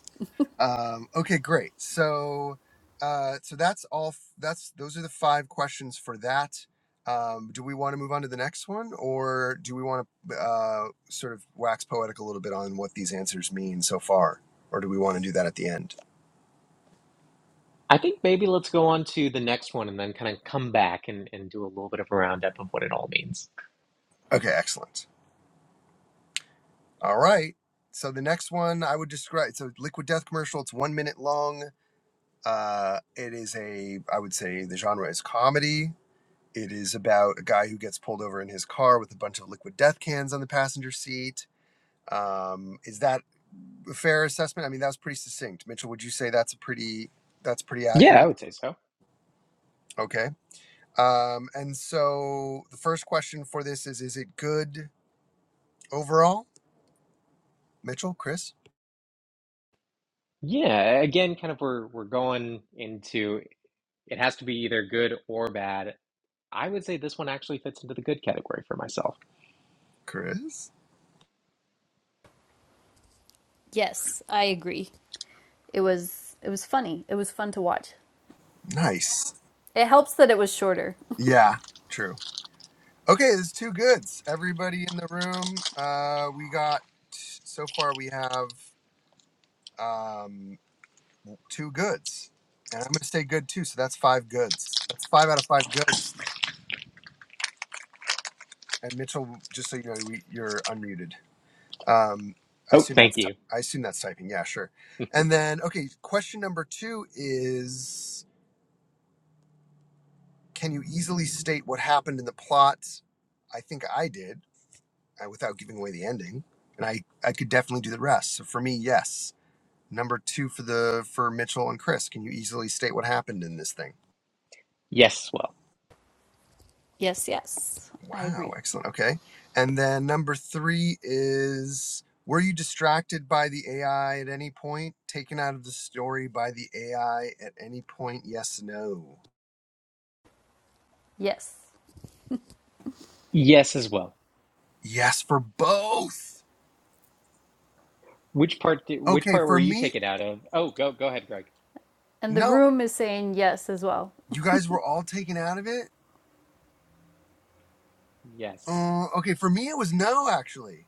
Speaker 2: Um, okay, great. So, uh, so that's all. f- That's those are the five questions for that. Um, do we want to move on to the next one, or do we want to uh, sort of wax poetic a little bit on what these answers mean so far, or do we want to do that at the end?
Speaker 1: I think maybe let's go on to the next one and then kind of come back and, and do a little bit of a roundup of what it all means.
Speaker 2: Okay, excellent. All right. So the next one I would describe. So Liquid Death commercial. It's one minute long. Uh, it is a. I would say the genre is comedy It is about a guy who gets pulled over in his car with a bunch of liquid death cans on the passenger seat. Um, is that a fair assessment? I mean, that was pretty succinct. Mitchell, would you say that's a pretty that's pretty
Speaker 1: Yeah, I
Speaker 2: accurate?
Speaker 1: would say so.
Speaker 2: Okay. Um, and so the first question for this is: Is it good overall? Mitchell, Chris,
Speaker 1: Yeah, again, kind of we're we're going into it has to be either good or bad. I would say this one actually fits into the good category for myself.
Speaker 2: Chris,
Speaker 3: Yes, I agree. It was it was funny. It was fun to watch.
Speaker 2: nice.
Speaker 3: It helps that it was shorter.
Speaker 2: Yeah, true. Okay, there's two goods. Everybody in the room, uh, we got so far. We have um, two goods, and I'm going to stay good too. So that's five goods. That's five out of five goods. And Mitchell, just so you know, we, you're unmuted. Um, I
Speaker 1: Oh,
Speaker 2: assume
Speaker 1: thank
Speaker 2: that's ty-
Speaker 1: you.
Speaker 2: I assume that's typing. Yeah, sure. And then okay, question number two is: Can you easily state what happened in the plot? I think I did uh, without giving away the ending, and I I could definitely do the rest. So for me, yes. Number two for the for Mitchell and Chris. Can you easily state what happened in this thing?
Speaker 1: Yes, as well.
Speaker 3: Yes, yes. I
Speaker 2: Wow,
Speaker 3: agree.
Speaker 2: excellent. Okay. And then number three is were you distracted by the AI at any point? Taken out of the story by the AI at any point? Yes, no.
Speaker 3: Yes,
Speaker 1: Yes, as well.
Speaker 2: Yes, for both.
Speaker 1: Which part did, which
Speaker 2: Okay,
Speaker 1: part were
Speaker 2: for
Speaker 1: you
Speaker 2: me,
Speaker 1: taken out of? Oh, go go ahead, Greg.
Speaker 3: and the
Speaker 2: no.
Speaker 3: room is saying yes as well.
Speaker 2: You guys were all taken out of it?
Speaker 1: Yes.
Speaker 2: Uh, okay, for me, it was no, actually.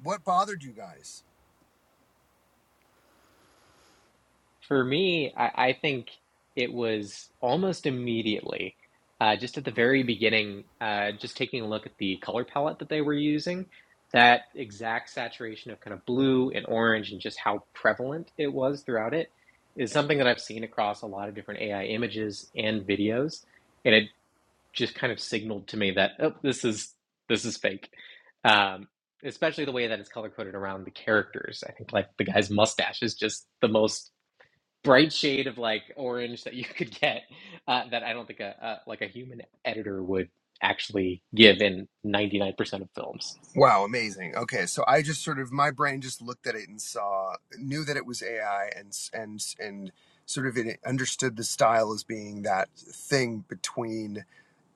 Speaker 2: What bothered you guys?
Speaker 1: For me, I, I think it was almost immediately, uh, just at the very beginning, uh, just taking a look at the color palette that they were using, that exact saturation of kind of blue and orange and just how prevalent it was throughout it is something that I've seen across a lot of different AI images and videos, and it just kind of signaled to me that, oh, this is this is fake. Um, especially the way that it's color coded around the characters. I think like the guy's mustache is just the most bright shade of like orange that you could get uh, that I don't think a, a like a human editor would actually give in 99% of films.
Speaker 2: Wow, amazing. Okay, so I just sort of my brain just looked at it and saw knew that it was AI and and and sort of it understood the style as being that thing between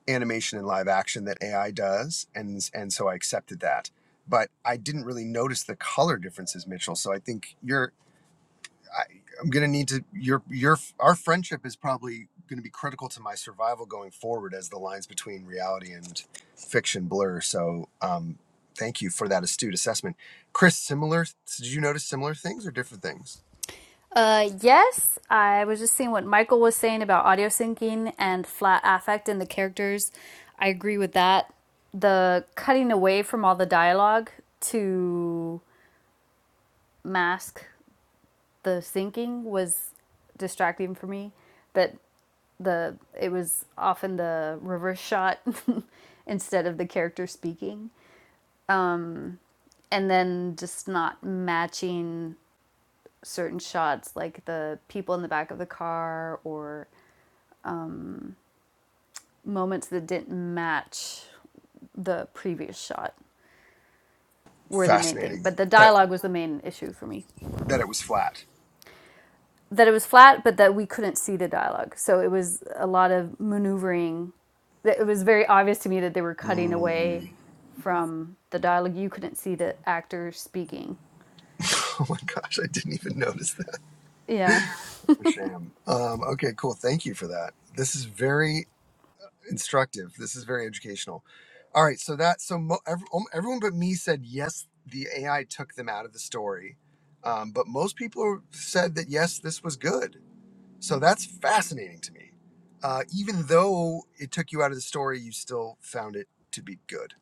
Speaker 2: animation and live action that AI does and and so I accepted that. But I didn't really notice the color differences, Mitchell. So I think you're I, I'm gonna need to your your our friendship is probably gonna be critical to my survival going forward as the lines between reality and fiction blur. So um, thank you for that astute assessment, Chris. Similar? Did you notice similar things or different things?
Speaker 3: Uh, yes, I was just seeing what Michael was saying about audio syncing and flat affect in the characters. I agree with that. The cutting away from all the dialogue to mask the syncing was distracting for me. That the it was often the reverse shot instead of the character speaking, and then just not matching certain shots like the people in the back of the car or moments that didn't match the previous shot were the main thing.
Speaker 2: Fascinating
Speaker 3: But the
Speaker 2: that
Speaker 3: dialogue was the main issue for me.
Speaker 2: that it was flat.
Speaker 3: That it was flat, but that we couldn't see the dialogue. So it was a lot of maneuvering. It was very obvious to me that they were cutting away
Speaker 2: Mm.
Speaker 3: from the dialogue. You couldn't see the actor speaking.
Speaker 2: oh my gosh, I didn't even notice that.
Speaker 3: Yeah.
Speaker 2: Sham. Um, okay, cool. Thank you for that. This is very instructive. This is very educational. All right, so that so mo- ev- um, everyone but me said yes. The AI took them out of the story, um, but most people said that yes, this was good. So that's fascinating to me. Uh, even though it took you out of the story, you still found it to be good.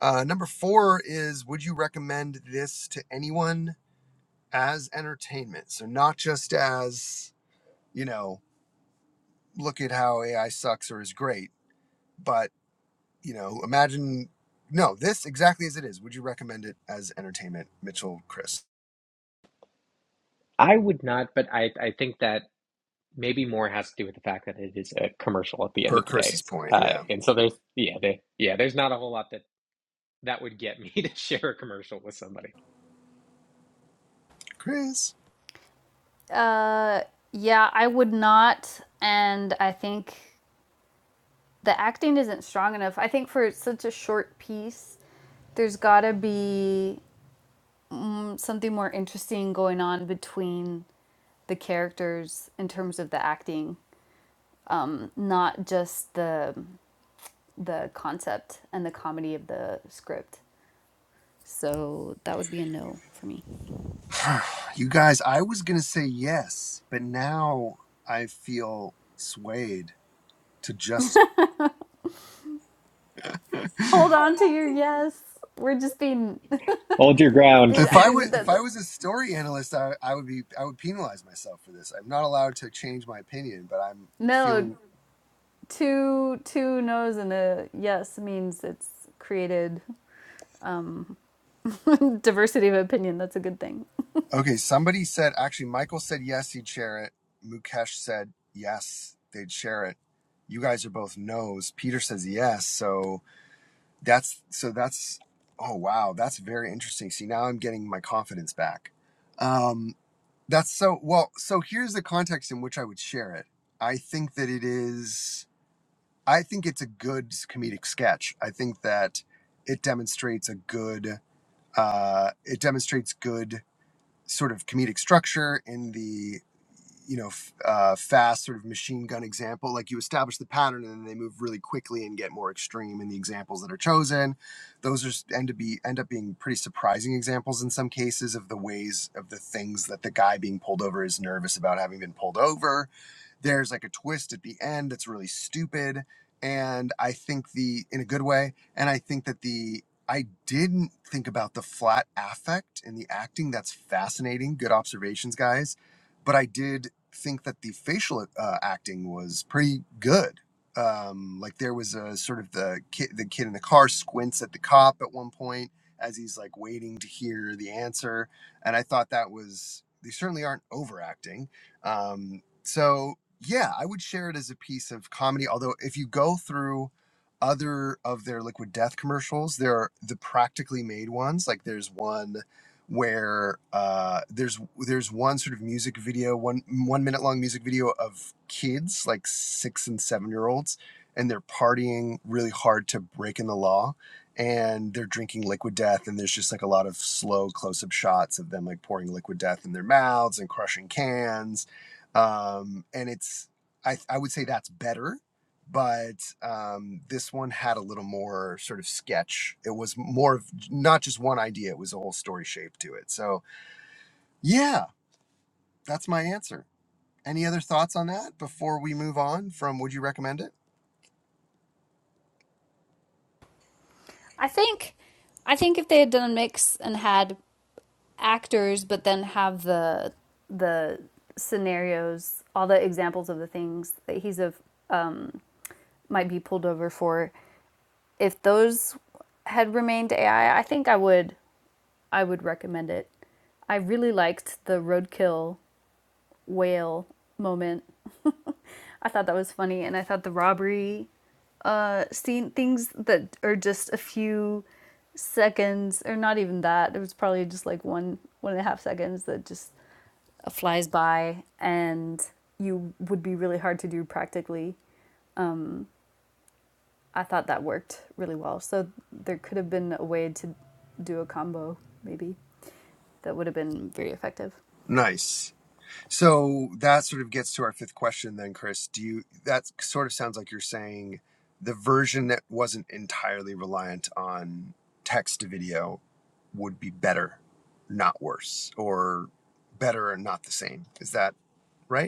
Speaker 2: Uh, number four is: Would you recommend this to anyone as entertainment? So not just as you know, look at how AI sucks or is great, but you know, imagine no, this exactly as it is. Would you recommend it as entertainment, Mitchell, Chris?
Speaker 1: I would not, but I, I think that maybe more has to do with the fact that it is a commercial at the end
Speaker 2: Per
Speaker 1: of the day.
Speaker 2: Chris's point,
Speaker 1: Uh,
Speaker 2: yeah.
Speaker 1: and so there's yeah, there yeah, there's not a whole lot that that would get me to share a commercial with somebody.
Speaker 2: Chris,
Speaker 3: Uh, yeah, I would not. And I think the acting isn't strong enough. I think for such a short piece, there's gotta be mm, something more interesting going on between the characters in terms of the acting, um, not just the the concept and the comedy of the script. So that would be a no for me.
Speaker 2: you guys, I was gonna say yes, but now I feel swayed to just.
Speaker 3: Hold on to your yes. We're just being
Speaker 1: Hold your ground.
Speaker 2: If I
Speaker 3: we would
Speaker 2: was
Speaker 3: the,
Speaker 2: if I
Speaker 3: the,
Speaker 2: was a story analyst, I, I would be, I would penalize myself for this. I'm not allowed to change my opinion, but I'm
Speaker 3: no
Speaker 2: feeling
Speaker 3: two two no's and a yes means it's created um, diversity of opinion. That's a good thing.
Speaker 2: Okay, somebody said actually Michael said yes, he'd share it. Mukesh said yes, they'd share it. You guys are both no's. Peter says yes, so that's so that's oh wow, that's very interesting. See, now I'm getting my confidence back. Um that's so well, so here's the context in which I would share it. I think that it is I think it's a good comedic sketch. I think that it demonstrates a good uh it demonstrates good sort of comedic structure in the you know f- uh, fast sort of machine gun example like you establish the pattern and then they move really quickly and get more extreme in the examples that are chosen those are end to be end up being pretty surprising examples in some cases of the ways of the things that the guy being pulled over is nervous about having been pulled over there's like a twist at the end that's really stupid and i think the in a good way and i think that the I didn't think about the flat affect in the acting. That's fascinating. Good observations, guys. But I did think that the facial uh, acting was pretty good. Um, like there was a sort of the kid, the kid in the car squints at the cop at one point as he's like waiting to hear the answer, and I thought that was they certainly aren't overacting. Um, so yeah, I would share it as a piece of comedy. Although if you go through other of their liquid death commercials there are the practically made ones like there's one where uh, there's there's one sort of music video one one minute long music video of kids like six and seven year olds and they're partying really hard to breaking the law and they're drinking liquid death and there's just like a lot of slow close-up shots of them like pouring liquid death in their mouths and crushing cans um, and it's I, I would say that's better but um, this one had a little more sort of sketch. It was more of not just one idea; it was a whole story shape to it. So, yeah, that's my answer. Any other thoughts on that before we move on from Would you recommend it?
Speaker 3: I think I think if they had done a mix and had actors, but then have the the scenarios, all the examples of the things that he's of um, might be pulled over for. If those had remained AI, I I think I would I would recommend it. I really liked the roadkill whale moment. I thought that was funny, and I thought the robbery uh, scene things that are just a few seconds, or not even that. It was probably just like one one and a half seconds that just flies by and you would be really hard to do practically. I thought that worked really well. So there could have been a way to do a combo, maybe, that would have been very effective.
Speaker 2: Nice. So that sort of gets to our fifth question, then, Chris. Do you? That sort of sounds like you're saying the version that wasn't entirely reliant on text to video would be better, not worse, or better and not the same. Is that right?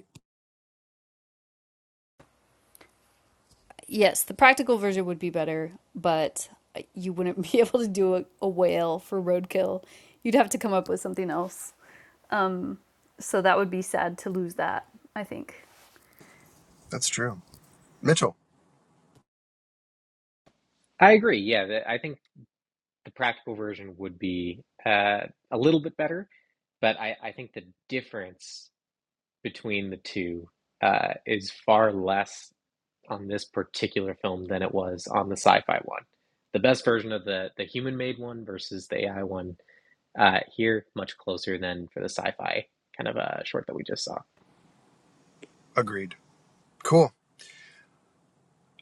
Speaker 3: Yes, the practical version would be better, but you wouldn't be able to do a, a whale for roadkill. You'd have to come up with something else. Um, so that would be sad to lose that, I think.
Speaker 2: That's true. Mitchell
Speaker 1: I agree. Yeah, the, I think the practical version would be uh, a little bit better, but I, I think the difference between the two uh, is far less on this particular film than it was on the sci-fi one. The best version of the the human-made one versus the AI one uh, here much closer than for the sci-fi kind of a short that we just saw.
Speaker 2: agreed. Cool.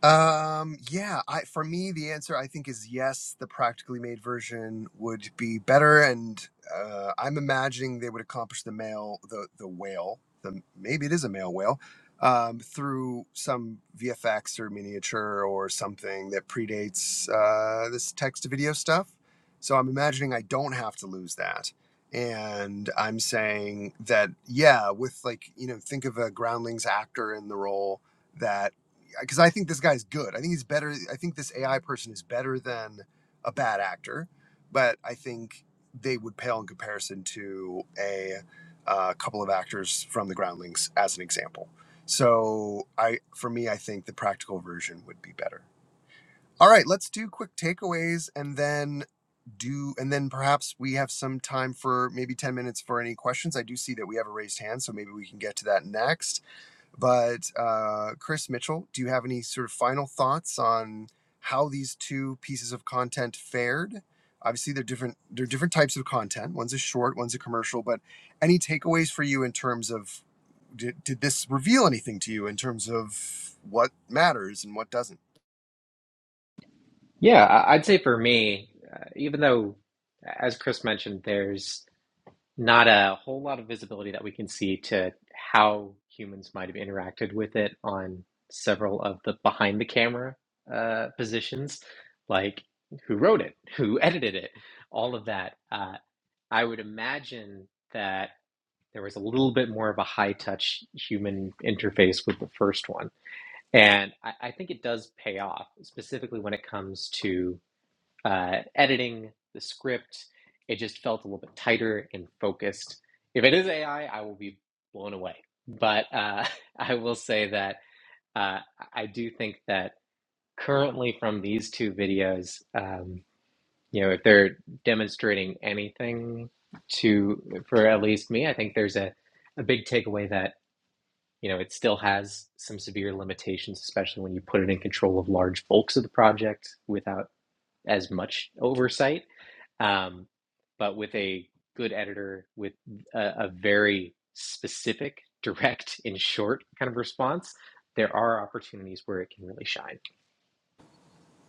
Speaker 2: Um, yeah, I for me the answer I think is yes, the practically made version would be better and uh I'm imagining they would accomplish the male the the whale, the maybe it is a male whale, um through some VFX or miniature or something that predates uh this text to video stuff. So I'm imagining I don't have to lose that. And I'm saying that yeah, with like, you know, think of a groundlings actor in the role that because I think this guy's good. I think he's better. I think this AI person is better than a bad actor, but I think they would pale in comparison to a uh, couple of actors from the Groundlings as an example. So I, for me, I think the practical version would be better. All right, let's do quick takeaways and then do, and then perhaps we have some time for maybe 10 minutes for any questions. I do see that we have a raised hand, so maybe we can get to that next. But uh, Chris Mitchell, do you have any sort of final thoughts on how these two pieces of content fared? Obviously, they're different. They're different types of content. One's a short, one's a commercial. But any takeaways for you in terms of did, did this reveal anything to you in terms of what matters and what doesn't?
Speaker 1: Yeah, I- I'd say for me, uh, even though, as Chris mentioned, there's not a whole lot of visibility that we can see to how humans might have interacted with it on several of the behind the camera uh, positions, like who wrote it, who edited it, all of that. Uh, I would imagine that there was a little bit more of a high touch human interface with the first one. And I, I think it does pay off, specifically when it comes to uh, editing the script. It just felt a little bit tighter and focused. If it is AI, I I will be blown away. But uh, I will say that uh, I do think that currently from these two videos, um, you know, if they're demonstrating anything to for at least me, I think there's a, a big takeaway that you know it still has some severe limitations, especially when you put it in control of large bulks of the project without as much oversight um, but with a good editor with a, a very specific direct and short kind of response there are opportunities where it can really shine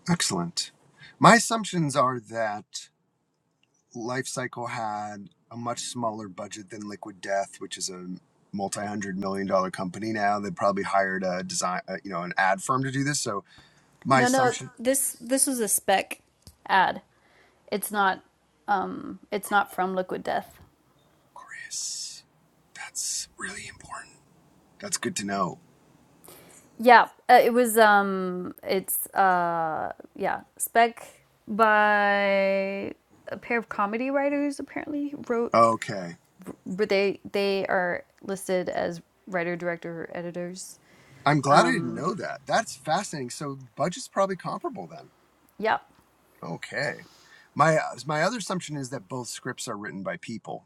Speaker 2: Excellent. My assumptions are that Life Cycle had a much smaller budget than Liquid Death, which is a multi-hundred million dollar company now. They probably hired a design, uh, you know, an ad firm to do this. So my
Speaker 3: No, no,
Speaker 2: assumption,
Speaker 3: this this was a spec ad. It's not um it's not from Liquid Death.
Speaker 2: Chris, that's really important. That's good to know.
Speaker 3: Yeah, uh, it was um it's uh yeah, Spec by a pair of comedy writers apparently wrote
Speaker 2: Okay,
Speaker 3: but they they are listed as writer, director, editors.
Speaker 2: I'm glad I didn't
Speaker 3: Um
Speaker 2: know that. That's fascinating. So budget's probably comparable then.
Speaker 3: yeah.
Speaker 2: Okay, my uh, my other assumption is that both scripts are written by people.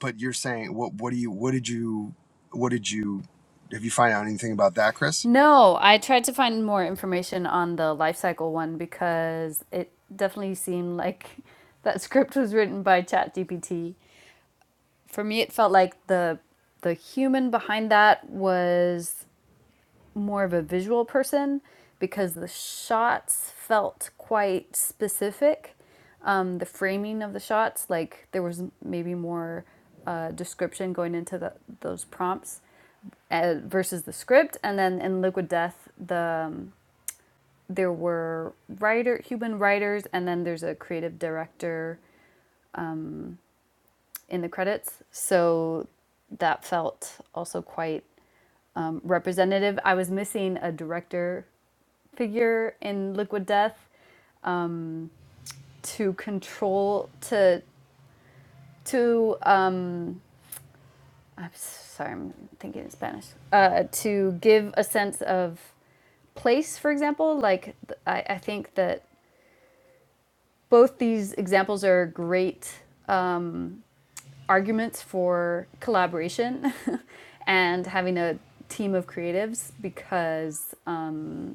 Speaker 2: But you're saying what? What do you? What did you? What did you? Have you find out anything about that, Chris?
Speaker 3: No, I tried to find more information on the life cycle one because it definitely seemed like that script was written by ChatGPT. For me it felt like the the human behind that was more of a visual person because the shots felt quite specific. Um, the framing of the shots, like there was maybe more uh, description going into the, those prompts uh, versus the script. And then in Liquid Death, the um, there were writer human writers, and then there's a creative director in the credits. So that felt also quite um, representative. I was missing a director figure in Liquid Death, to control to to um I'm sorry, I'm thinking in Spanish. Uh, to give a sense of place, for example, like th- I, I think that both these examples are great um, arguments for collaboration and having a team of creatives because um,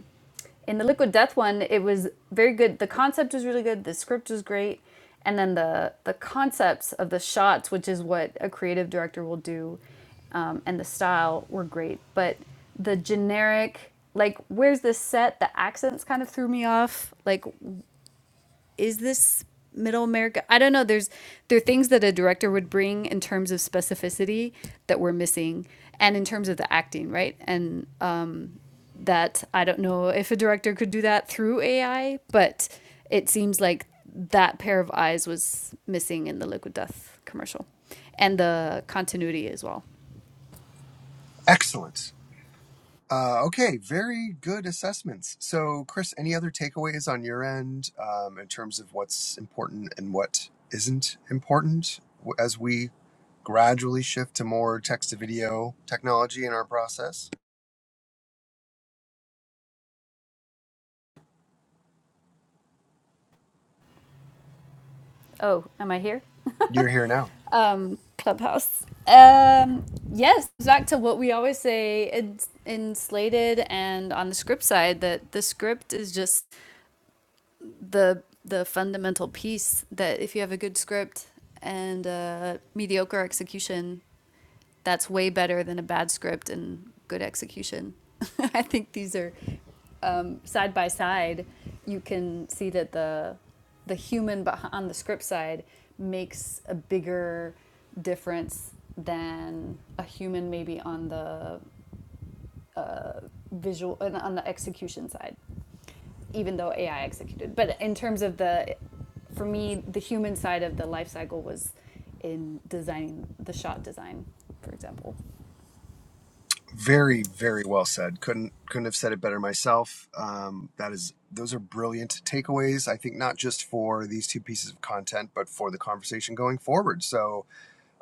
Speaker 3: in the liquid death one it was very good the concept was really good the script was great and then the the concepts of the shots which is what a creative director will do um, and the style were great but the generic like where's this set the accents kind of threw me off like is this middle America? I don't know. There's there are things that a director would bring in terms of specificity that we're missing, and in terms of the acting, right? And um, that I don't know if a director could do that through AI, but it seems like that pair of eyes was missing in the Liquid Death commercial, and the continuity as well.
Speaker 2: Excellent. Uh, okay, very good assessments. So, Chris, any other takeaways on your end um, in terms of what's important and what isn't important as we gradually shift to more text to video technology in our process?
Speaker 3: Oh, am I here?
Speaker 2: You're here now.
Speaker 3: um clubhouse um yes back to what we always say in, in slated and on the script side that the script is just the the fundamental piece that if you have a good script and uh mediocre execution that's way better than a bad script and good execution. I think these are um, side by side. You can see that the the human beh- on the script side makes a bigger difference than a human maybe on the uh, visual and on the execution side, even though AI executed. But in terms of the, for me, the human side of the life cycle was in designing the shot design, for example.
Speaker 2: Very, very well said. Couldn't couldn't have said it better myself. Um, that is, those are brilliant takeaways. I think not just for these two pieces of content, but for the conversation going forward. So,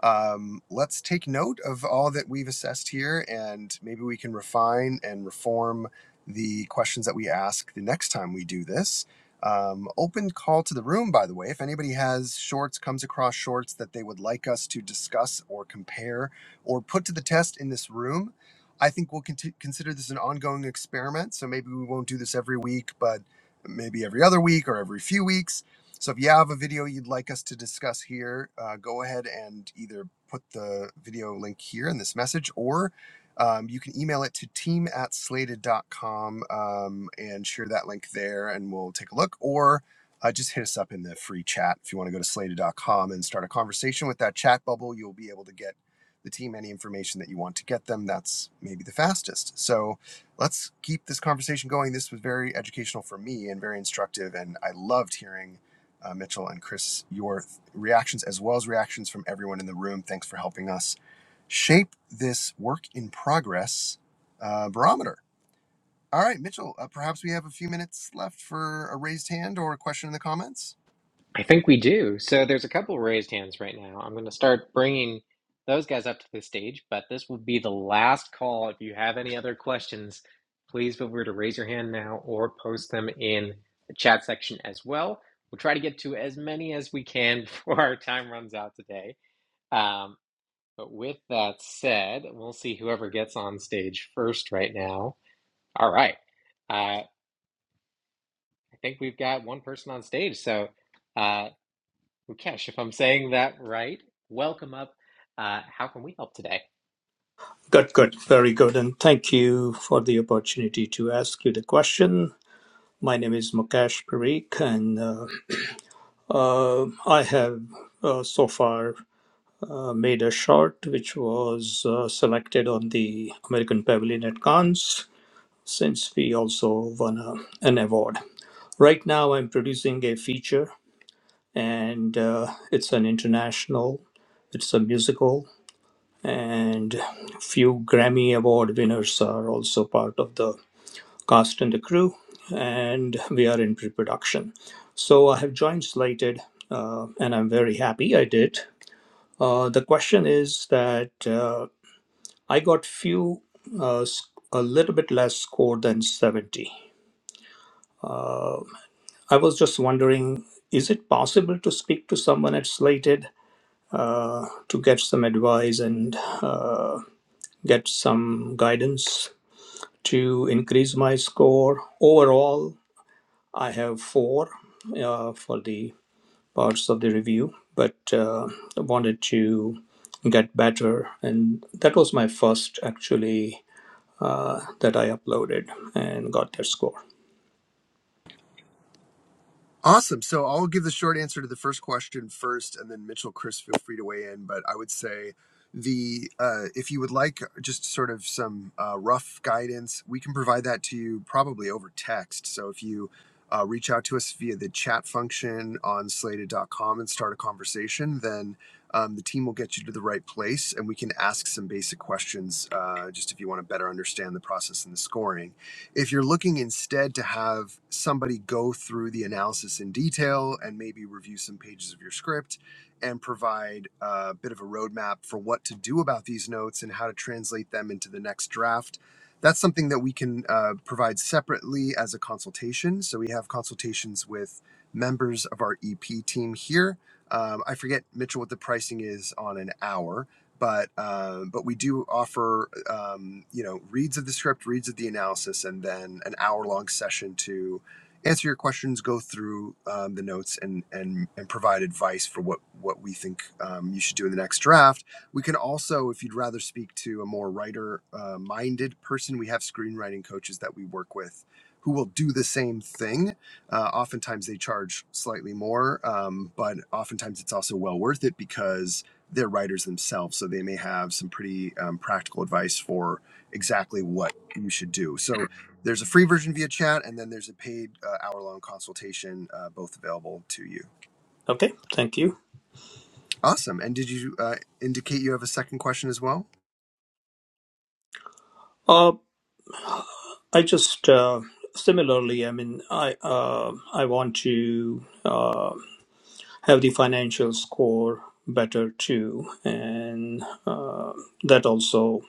Speaker 2: um, let's take note of all that we've assessed here and maybe we can refine and reform the questions that we ask the next time we do this. Um, open call to the room, by the way. If anybody has shorts, comes across shorts that they would like us to discuss or compare or put to the test in this room, I think we'll conti- consider this an ongoing experiment. So maybe we won't do this every week, but maybe every other week or every few weeks so if you have a video you'd like us to discuss here, uh, go ahead and either put the video link here in this message or um, you can email it to team at slated.com um, and share that link there and we'll take a look. Or uh, just hit us up in the free chat. If you want to go to slated.com and start a conversation with that chat bubble, you'll be able to get the team any information that you want to get them. That's maybe the fastest. So let's keep this conversation going. This was very educational for me and very instructive, and I loved hearing uh, Mitchell and Chris, your th- reactions as well as reactions from everyone in the room. Thanks for helping us shape this work in progress uh, barometer. All right, Mitchell, uh, perhaps we have a few minutes left for a raised hand or a question in the comments.
Speaker 1: i think we do so there's a couple raised hands right now i'm going to start bringing those guys up to the stage but this will be the last call if you have any other questions please feel free to raise your hand now or post them in the chat section as well we'll try to get to as many as we can before our time runs out today Um, But with that said, we'll see whoever gets on stage first right now. All right. Uh, I think we've got one person on stage. So, uh, Mukesh, if I'm saying that right, welcome up. Uh, how can we help today?
Speaker 4: Good, good, very good. And thank you for the opportunity to ask you the question. My name is Mukesh Parikh, and uh, uh, I have uh, so far uh, made a short which was uh, selected on the American Pavilion at Cannes since we also won a, an award. Right now, I'm producing a feature, and uh, it's an international, it's a musical, and few Grammy Award winners are also part of the cast and the crew, and we are in pre production. So I have joined Slated, uh, and I'm very happy I did. Uh, the question is that uh, I got few, uh, s- a little bit less score than 70. I was just wondering is it possible to speak to someone at Slated uh, to get some advice and uh, get some guidance to increase my score? Overall, I have four uh, for the parts of the review, but uh, I wanted to get better. And that was my first actually uh, that I uploaded and got their score.
Speaker 2: Awesome. So I'll give the short answer to the first question first, and then Mitchell, Chris, feel free to weigh in. But I would say the uh, if you would like just sort of some uh, rough guidance, we can provide that to you probably over text. So if you uh, reach out to us via the chat function on slated.com and start a conversation, then um, the team will get you to the right place and we can ask some basic questions uh, just if you want to better understand the process and the scoring. If you're looking instead to have somebody go through the analysis in detail and maybe review some pages of your script and provide a bit of a roadmap for what to do about these notes and how to translate them into the next draft, that's something that we can uh, provide separately as a consultation. So we have consultations with members of our EP team here. Um, I forget, Mitchell, what the pricing is on an hour, but uh, but we do offer um, you know reads of the script, reads of the analysis, and then an hour long session to answer your questions, go through um, the notes, and and and provide advice for what what we think um, you should do in the next draft. We can also, if you'd rather speak to a more writer uh, minded person, we have screenwriting coaches that we work with. Who will do the same thing? Uh, oftentimes they charge slightly more, um, but oftentimes it's also well worth it because they're writers themselves, so they may have some pretty um, practical advice for exactly what you should do. So there's a free version via chat, and then there's a paid uh, hour-long consultation, uh, both available to you.
Speaker 4: Okay, thank you.
Speaker 2: Awesome. And did you uh, indicate you have a second question as well?
Speaker 4: Uh, I just uh, similarly, I mean, I uh, I want to uh, have the financial score better too, and uh, that also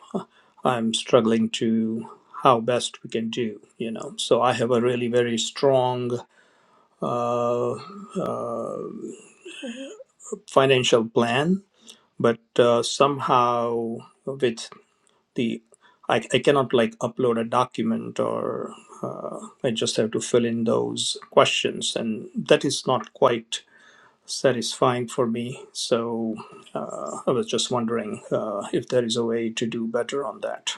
Speaker 4: I'm struggling to how best we can do. You know, so I have a really very strong uh, financial plan, but uh, somehow with the I, I cannot like upload a document or uh, I just have to fill in those questions, and that is not quite satisfying for me. So uh, I was just wondering uh, if there is a way to do better on that.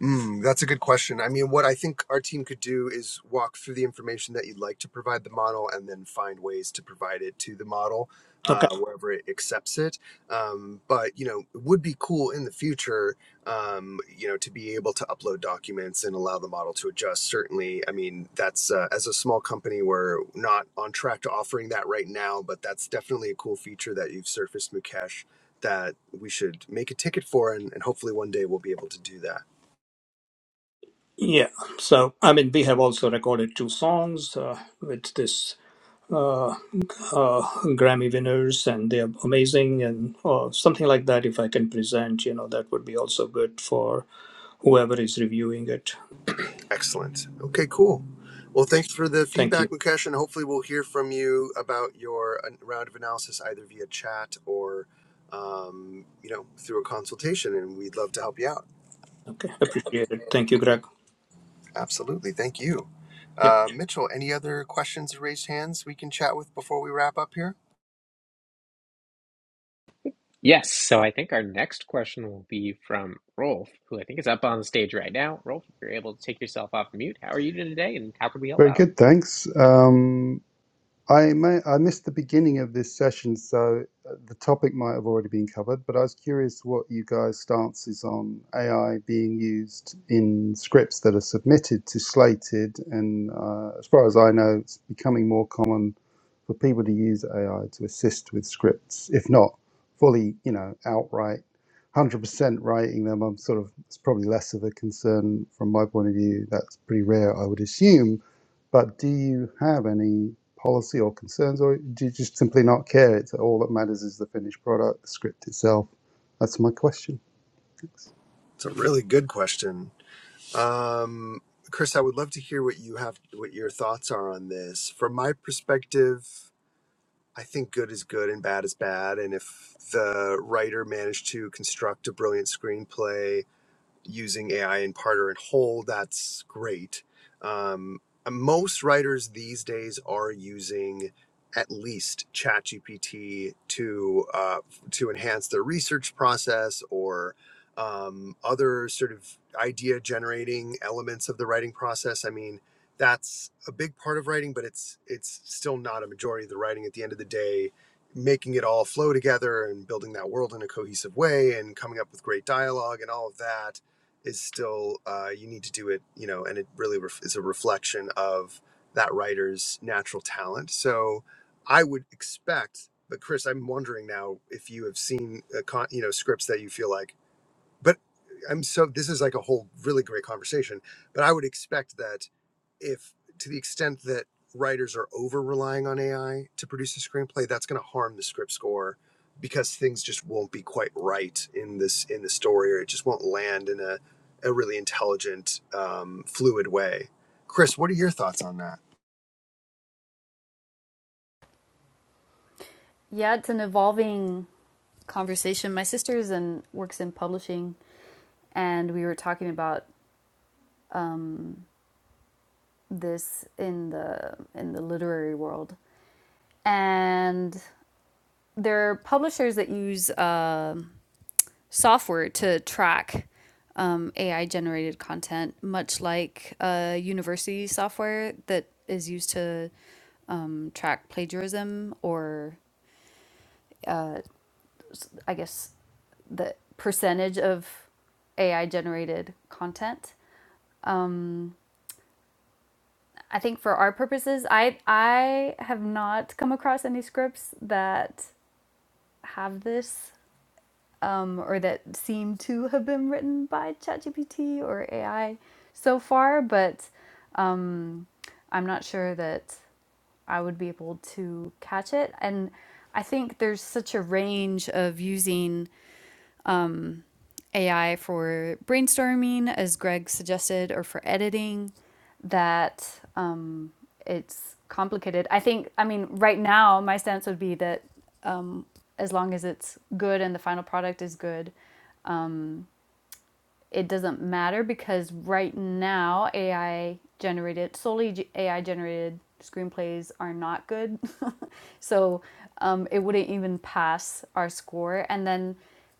Speaker 2: Mm, that's a good question. I mean, what I think our team could do is walk through the information that you'd like to provide the model and then find ways to provide it to the model
Speaker 4: Okay.
Speaker 2: uh, wherever it accepts it. Um, but, you know, it would be cool in the future, um, you know, to be able to upload documents and allow the model to adjust. Certainly, I mean, that's uh, as a small company, we're not on track to offering that right now, but that's definitely a cool feature that you've surfaced, Mukesh, that we should make a ticket for. And, and hopefully one day we'll be able to do that.
Speaker 4: Yeah. So, I mean, we have also recorded two songs uh, with this. Uh, uh, Grammy winners and they are amazing and or something like that. If I can present, you know, that would be also good for whoever is reviewing it.
Speaker 2: Excellent. Okay, cool. Well, thanks for the
Speaker 4: Thank you.
Speaker 2: feedback, Mukesh, and hopefully we'll hear from you about your uh, round of analysis either via chat or, um, you know, through a consultation, and we'd love to help you out.
Speaker 4: Okay, appreciate it. Thank you, Greg.
Speaker 2: Absolutely. Thank you.
Speaker 4: Yep.
Speaker 2: Uh, Mitchell, any other questions or raised hands we can chat with before we wrap up here?
Speaker 1: Yes. So, I think our next question will be from Rolf, who I think is up on stage right now. Rolf, if you're able to take yourself off mute, how are you doing today and how can we help
Speaker 5: Very
Speaker 1: out?
Speaker 5: good, thanks. Um, I may, I missed the beginning of this session, so uh, the topic might have already been covered, but I was curious what you guys' stance is on AI being used in scripts that are submitted to Slated, and uh, as far as I know, it's becoming more common for people to use AI to assist with scripts, if not fully, you know, outright, 100% writing them. I'm sort of, it's probably less of a concern from my point of view. That's pretty rare, I would assume but do you have any policy or concerns, or do you just simply not care? It's all that matters is the finished product, the script itself. That's my question. Thanks.
Speaker 2: It's a really good question. Um, Chris, I would love to hear what you have, what your thoughts are on this. From my perspective, I think good is good and bad is bad. And if the writer managed to construct a brilliant screenplay using AI in part or in whole, that's great. Um, uh, most writers these days are using at least ChatGPT to uh, to enhance their research process or um, other sort of idea generating elements of the writing process. I mean, that's a big part of writing, but it's it's still not a majority of the writing. At the end of the day, making it all flow together and building that world in a cohesive way and coming up with great dialogue and all of that is still uh, you need to do it you know and it really ref- is a reflection of that writer's natural talent so i would expect but chris i'm wondering now if you have seen a con- you know scripts that you feel like but I'm so this is like a whole really great conversation. But I would expect that if to the extent that writers are over relying on AI to produce a screenplay, that's going to harm the script score because things just won't be quite right in this in the story, or it just won't land in a a really intelligent, um, fluid way. Chris, what are your thoughts on that?
Speaker 3: Yeah, it's an evolving conversation. My sister's and works in publishing, and we were talking about um, this in the in the literary world. And there are publishers that use uh, software to track um, AI generated content, much like uh, university software that is used to um, track plagiarism or, I guess, the percentage of AI generated content. Um, I think for our purposes, I I have not come across any scripts that have this um, or that seem to have been written by ChatGPT or AI so far, but um, I'm not sure that I would be able to catch it. And I think there's such a range of using AI for brainstorming, as Greg suggested, or for editing, that um, it's complicated. I think, I mean, right now, my stance would be that um, as long as it's good and the final product is good, it doesn't matter because right now AI generated solely AI generated screenplays are not good. so um, it wouldn't even pass our score. And then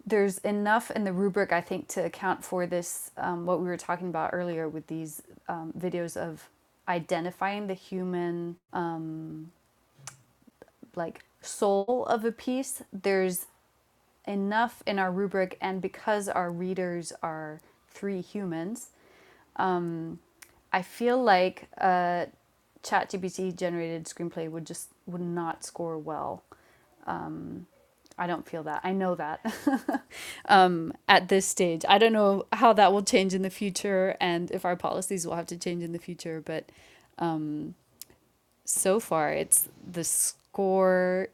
Speaker 3: there's enough in the rubric I think to account for this um, what we were talking about earlier with these um, videos of identifying the human um, like soul of a piece. There's enough in our rubric and because our readers are three humans um, I feel like a ChatGPT generated screenplay would just would not score well. I don't feel that. I know that um, at this stage. I don't know how that will change in the future and if our policies will have to change in the future, but um, so far it's the score.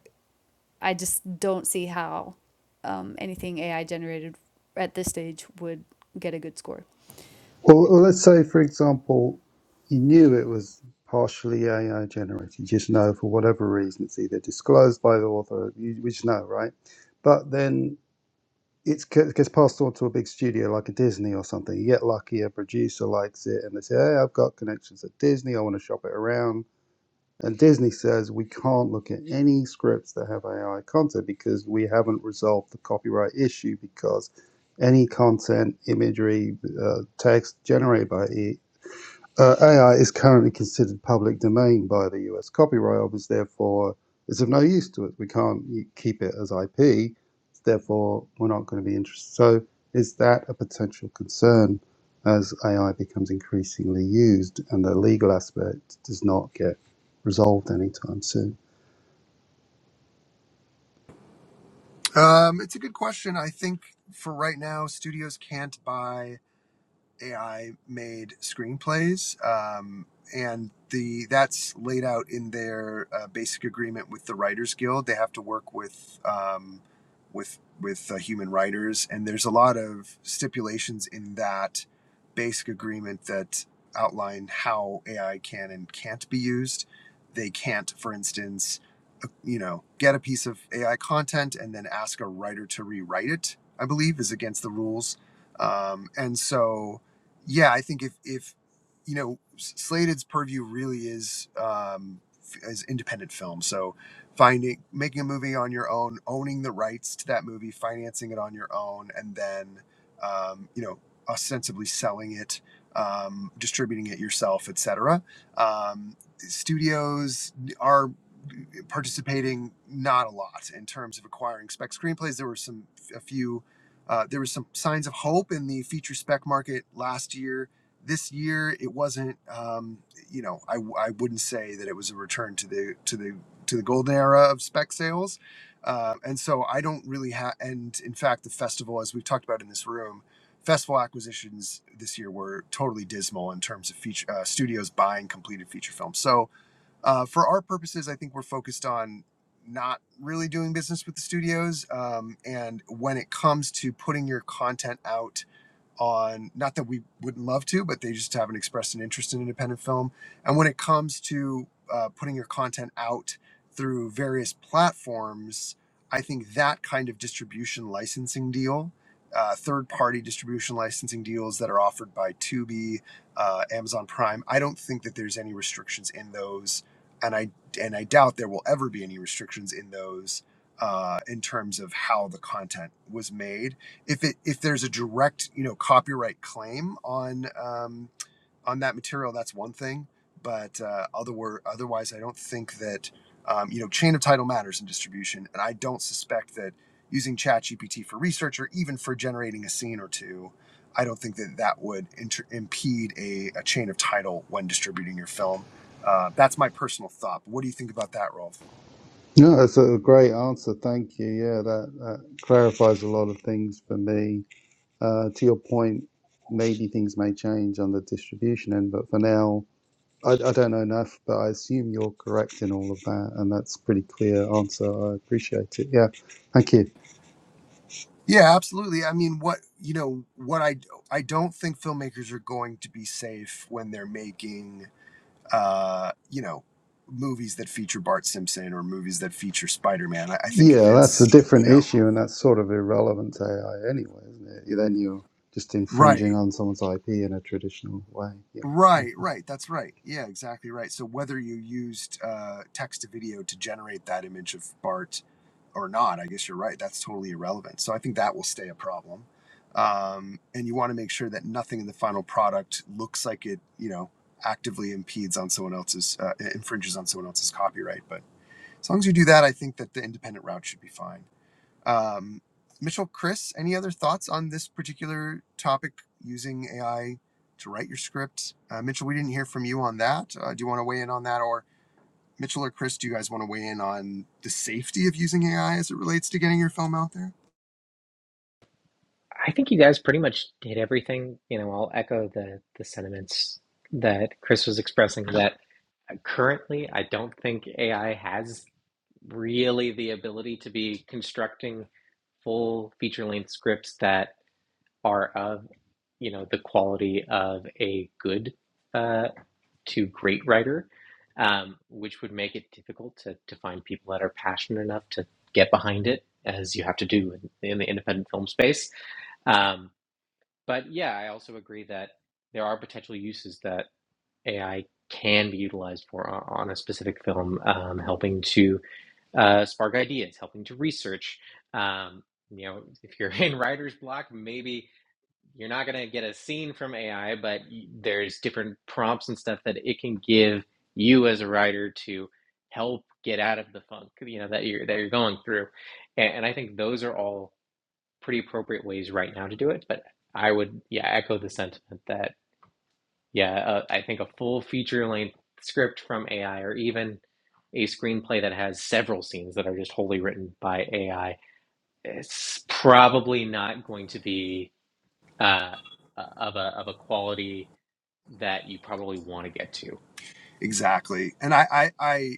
Speaker 3: I just don't see how um, anything AI generated at this stage would get a good score.
Speaker 5: Well, well, let's say, for example, you knew it was partially AI generated. You just know for whatever reason it's either disclosed by the author. You, we just know, right? But then it's, it gets passed on to a big studio like a Disney or something. You get lucky, a producer likes it, and they say, "Hey, I've got connections at Disney. I want to shop it around." And Disney says we can't look at any scripts that have AI content because we haven't resolved the copyright issue because any content, imagery, uh, text generated by AI uh, AI is currently considered public domain by the US Copyright Office, therefore, it's of no use to us. We can't y- keep it as IP, therefore, we're not going to be interested. So, is that a potential concern as AI becomes increasingly used and the legal aspect does not get resolved anytime soon?
Speaker 2: Um, it's a good question. I think for right now, studios can't buy. AI made screenplays, um, and the that's laid out in their uh, basic agreement with the Writers Guild. They have to work with um, with with uh, human writers, and there's a lot of stipulations in that basic agreement that outline how AI can and can't be used. They can't, for instance, uh, you know, get a piece of AI content and then ask a writer to rewrite it. I believe is against the rules, um, and so yeah, I think if if you know Slated's purview really is um, f- is independent film, so finding making a movie on your own, owning the rights to that movie, financing it on your own, and then um, you know ostensibly selling it, um, distributing it yourself, etc. Um, studios are participating not a lot in terms of acquiring spec screenplays. There were some a few uh, there was some signs of hope in the feature spec market last year. This year, it wasn't. Um, you know, I, I wouldn't say that it was a return to the to the to the golden era of spec sales. Uh, and so I don't really have. And in fact, the festival, as we've talked about in this room, festival acquisitions this year were totally dismal in terms of feature uh, studios buying completed feature films. So uh, for our purposes, I think we're focused on not really doing business with the studios. Um, and when it comes to putting your content out on not that we wouldn't love to, but they just haven't expressed an interest in independent film. And when it comes to uh, putting your content out through various platforms, I think that kind of distribution licensing deal, uh, third party distribution licensing deals that are offered by Tubi, uh, Amazon Prime, I don't think that there's any restrictions in those. And I and I doubt there will ever be any restrictions in those uh, in terms of how the content was made if it if there's a direct you know copyright claim on um, on that material, that's one thing. But uh, other otherwise, I don't think that um, you know chain of title matters in distribution, and I don't suspect that using ChatGPT for research or even for generating a scene or two, I don't think that that would inter- impede a, a chain of title when distributing your film. Uh, that's my personal thought. What do you think about that, Rolf?
Speaker 5: No, that's a great answer. Thank you. Yeah, that, that clarifies a lot of things for me. Uh, to your point, maybe things may change on the distribution end, but for now, I, I don't know enough, but I assume you're correct in all of that, and that's a pretty clear answer. I appreciate it. Yeah, thank you.
Speaker 2: Yeah, absolutely. I mean, what you know, what I I don't think filmmakers are going to be safe when they're making, uh, you know, movies that feature Bart Simpson or movies that feature Spider Man. I, I think if
Speaker 5: Yeah, that's a
Speaker 2: it's you
Speaker 5: different
Speaker 2: know,
Speaker 5: issue, and that's sort of irrelevant to AI anyway, isn't it? Then you're just infringing
Speaker 2: right,
Speaker 5: on someone's IP in a traditional way.
Speaker 2: right, right. That's right. Yeah, exactly right. So whether you used uh, text to video to generate that image of Bart or not, I guess you're right. That's totally irrelevant. So I think that will stay a problem. Um, and you want to make sure that nothing in the final product looks like it, you know, actively impedes on someone else's, uh, infringes on someone else's copyright. But as long as you do that, I think that the independent route should be fine. Um, Mitchell, Chris, any other thoughts on this particular topic using AI to write your script? Uh, Mitchell, we didn't hear from you on that. Uh, do you want to weigh in on that, or Mitchell or Chris, do you guys want to weigh in on the safety of using AI as it relates to getting your film out there?
Speaker 1: I think you guys pretty much did everything. You know, I'll echo the, the sentiments that Chris was expressing that Currently, I don't think AI has really the ability to be constructing full feature-length scripts that are of, you know, the quality of a good uh, to great writer, um, which would make it difficult to, to find people that are passionate enough to get behind it, as you have to do in, in the independent film space. Um, but yeah, I also agree that there are potential uses that. AI can be utilized for on a specific film, um, helping to uh, spark ideas, helping to research. Um, you know, if you're in writer's block, maybe you're not going to get a scene from AI, but there's different prompts and stuff that it can give you as a writer to help get out of the funk, you know, that you're that you're going through. And, and I think those are all pretty appropriate ways right now to do it. But I would, yeah, echo the sentiment that. Yeah, uh, I think a full feature length script from AI or even a screenplay that has several scenes that are just wholly written by AI it's probably not going to be uh, uh, of a of a quality that you probably want to get to.
Speaker 2: Exactly. And I, I, I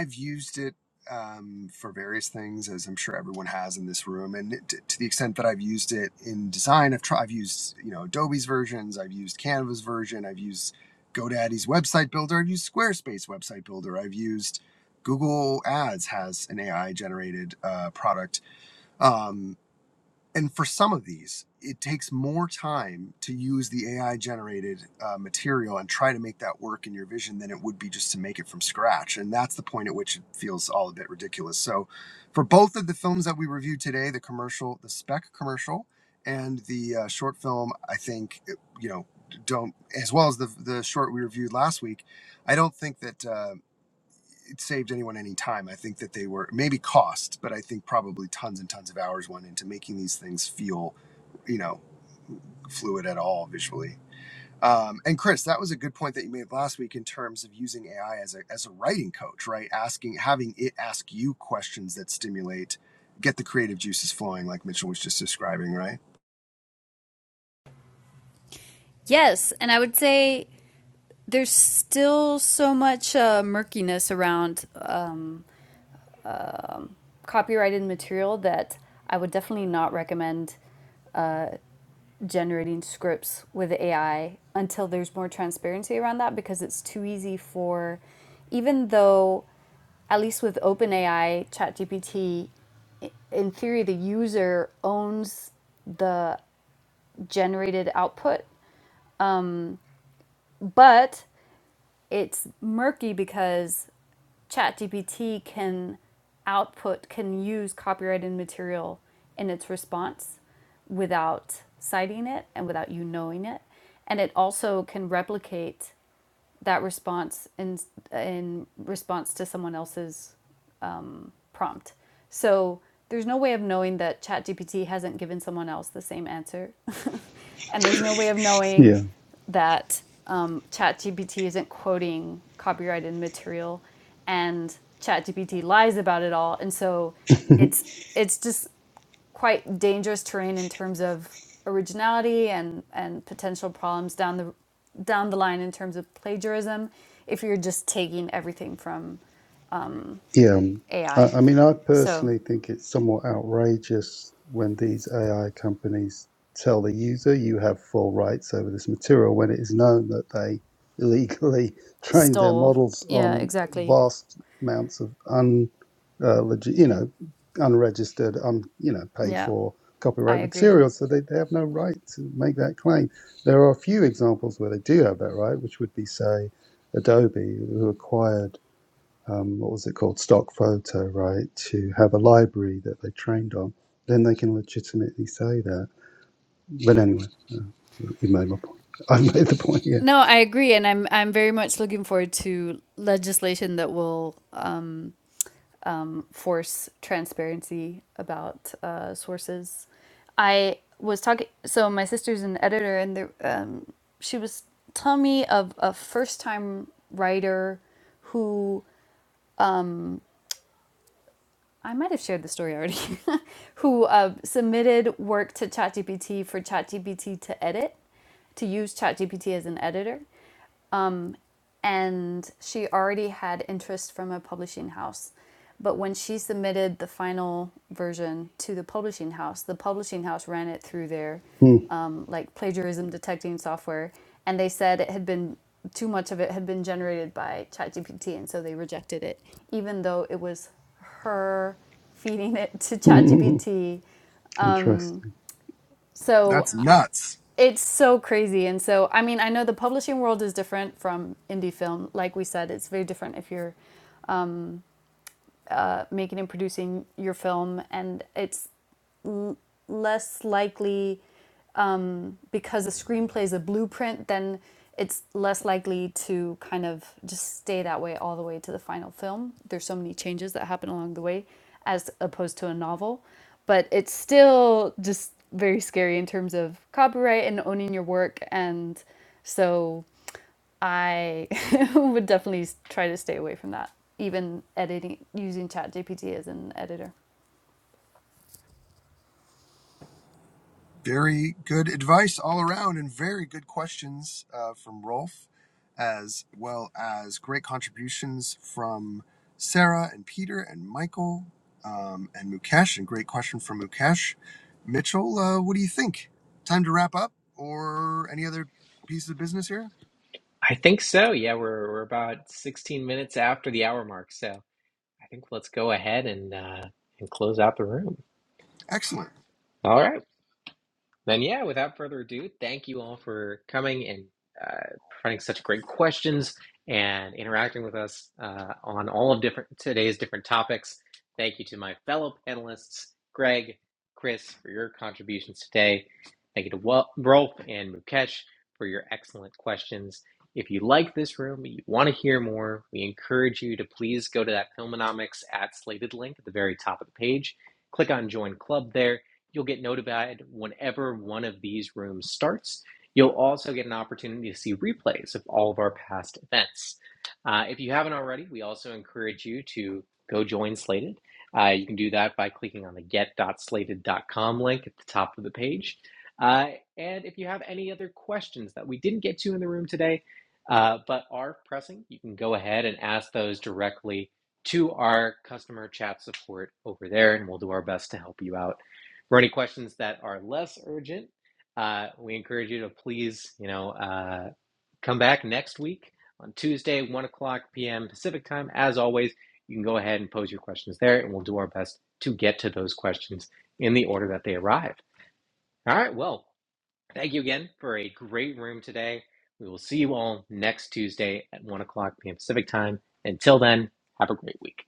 Speaker 2: I've used it um, for various things, as I'm sure everyone has in this room. And it, to the extent that I've used it in design, I've tried, I've used you know Adobe's versions, I've used Canva's version, I've used GoDaddy's website builder, I've used Squarespace website builder, I've used Google Ads has an AI generated uh, product. Um, and for some of these, it takes more time to use the AI generated uh, material and try to make that work in your vision than it would be just to make it from scratch. And that's the point at which it feels all a bit ridiculous. So, for both of the films that we reviewed today the commercial, the spec commercial, and the uh, short film, I think, it- you know, don't, as well as the, the short we reviewed last week, I don't think that. Uh, it saved anyone any time. I think that they were maybe cost, but I think probably tons and tons of hours went into making these things feel, you know, fluid at all visually. Um, and Chris, that was a good point that you made last week in terms of using AI as a as a writing coach, right? Asking, having it ask you questions that stimulate, get the creative juices flowing, like Mitchell was just describing, right?
Speaker 3: Yes, and I would say there's still so much uh, murkiness around um, um copyrighted material that I would definitely not recommend generating scripts with AI until there's more transparency around that because it's too easy for, even though, at least with OpenAI, ChatGPT, in theory, the user owns the generated output, but it's murky because ChatGPT can output, can use copyrighted material in its response without citing it and without you knowing it. And it also can replicate that response in, in response to someone else's prompt. So there's no way of knowing that ChatGPT hasn't given someone else the same answer. and there's no way of knowing
Speaker 5: Yeah.
Speaker 3: that um, ChatGPT isn't quoting copyrighted material and ChatGPT lies about it all. And so
Speaker 5: Yeah.
Speaker 3: it's it's just quite dangerous terrain in terms of originality and, and potential problems down the down the line in terms of plagiarism if you're just taking everything from
Speaker 5: Yeah, um, I,
Speaker 3: AI.
Speaker 5: I mean, I
Speaker 3: So
Speaker 5: personally think it's somewhat outrageous when these AI companies tell the user you have full rights over this material when it is known that they illegally trained their
Speaker 3: stole.
Speaker 5: models
Speaker 3: Yeah,
Speaker 5: on
Speaker 3: exactly.
Speaker 5: vast amounts of un, uh, legi- you know, unregistered, un, you know, paid
Speaker 3: Yeah,
Speaker 5: for
Speaker 3: I
Speaker 5: copyright
Speaker 3: agree.
Speaker 5: material, so they, they have no right to make that claim. There are a few examples where they do have that right, which would be, say, Adobe, who acquired um, what was it called, stock photo, right, to have a library that they trained on, then they can legitimately say that. But anyway, uh, you made my point. I made the point,
Speaker 3: No, I agree, and I'm I'm very much looking forward to legislation that will um, um, force transparency about uh, sources. I was talking. So my sister's an editor, and the, um, she was telling me of a first time writer who um, I might have shared the story already, who uh, submitted work to ChatGPT for ChatGPT to edit, to use ChatGPT as an editor and she already had interest from a publishing house. But when she submitted the final version to the publishing house, the publishing house ran it through their
Speaker 5: yeah.
Speaker 3: um, like plagiarism detecting software, and they said it had been too much of it had been generated by ChatGPT, and so they rejected it, even though it was her feeding it to ChatGPT.
Speaker 5: Interesting.
Speaker 3: So
Speaker 2: That's nuts.
Speaker 3: it's so crazy. And so, I mean, I know the publishing world is different from indie film. Like we said, it's very different if you're uh, making and producing your film, and it's less likely um, because the screenplay is a blueprint. Then it's less likely to kind of just stay that way all the way to the final film. There's so many changes that happen along the way, as opposed to a novel, but it's still just very scary in terms of copyright and owning your work and so I would definitely try to stay away from that, even editing using ChatGPT as an editor.
Speaker 2: Very good advice all around, and very good questions uh, from Rolf, as well as great contributions from Sarah and Peter and Michael um, and Mukesh. And great question from Mukesh. Mitchell, uh, what do you think? Time to wrap up, or any other piece of business here?
Speaker 1: I think so. Yeah, we're we're about 16 minutes after the hour mark, so I think let's go ahead and uh, and close out the room.
Speaker 2: Excellent.
Speaker 1: All right. Then, yeah, without further ado, thank you all for coming and uh, providing such great questions and interacting with us uh, on all of different today's different topics. Thank you to my fellow panelists, Greg, Chris, for your contributions today. Thank you to Wel- Rolf and Mukesh for your excellent questions. If you like this room, you want to hear more, we encourage you to please go to that Filmonomics at slated link at the very top of the page. Click on Join Club there You'll get notified whenever one of these rooms starts. You'll also get an opportunity to see replays of all of our past events. Uh, if you haven't already, we also encourage you to go join Slated. Uh, you can do that by clicking on the get.slated.com link at the top of the page. Uh, and if you have any other questions that we didn't get to in the room today, uh, but are pressing, you can go ahead and ask those directly to our customer chat support over there, and we'll do our best to help you out for any questions that are less urgent, uh, we encourage you to please, you know, uh, come back next week on Tuesday, one o'clock p.m. Pacific time. As always, you can go ahead and pose your questions there, and we'll do our best to get to those questions in the order that they arrive. All right. Well, thank you again for a great room today. We will see you all next Tuesday at one o'clock p.m. Pacific time. Until then, have a great week.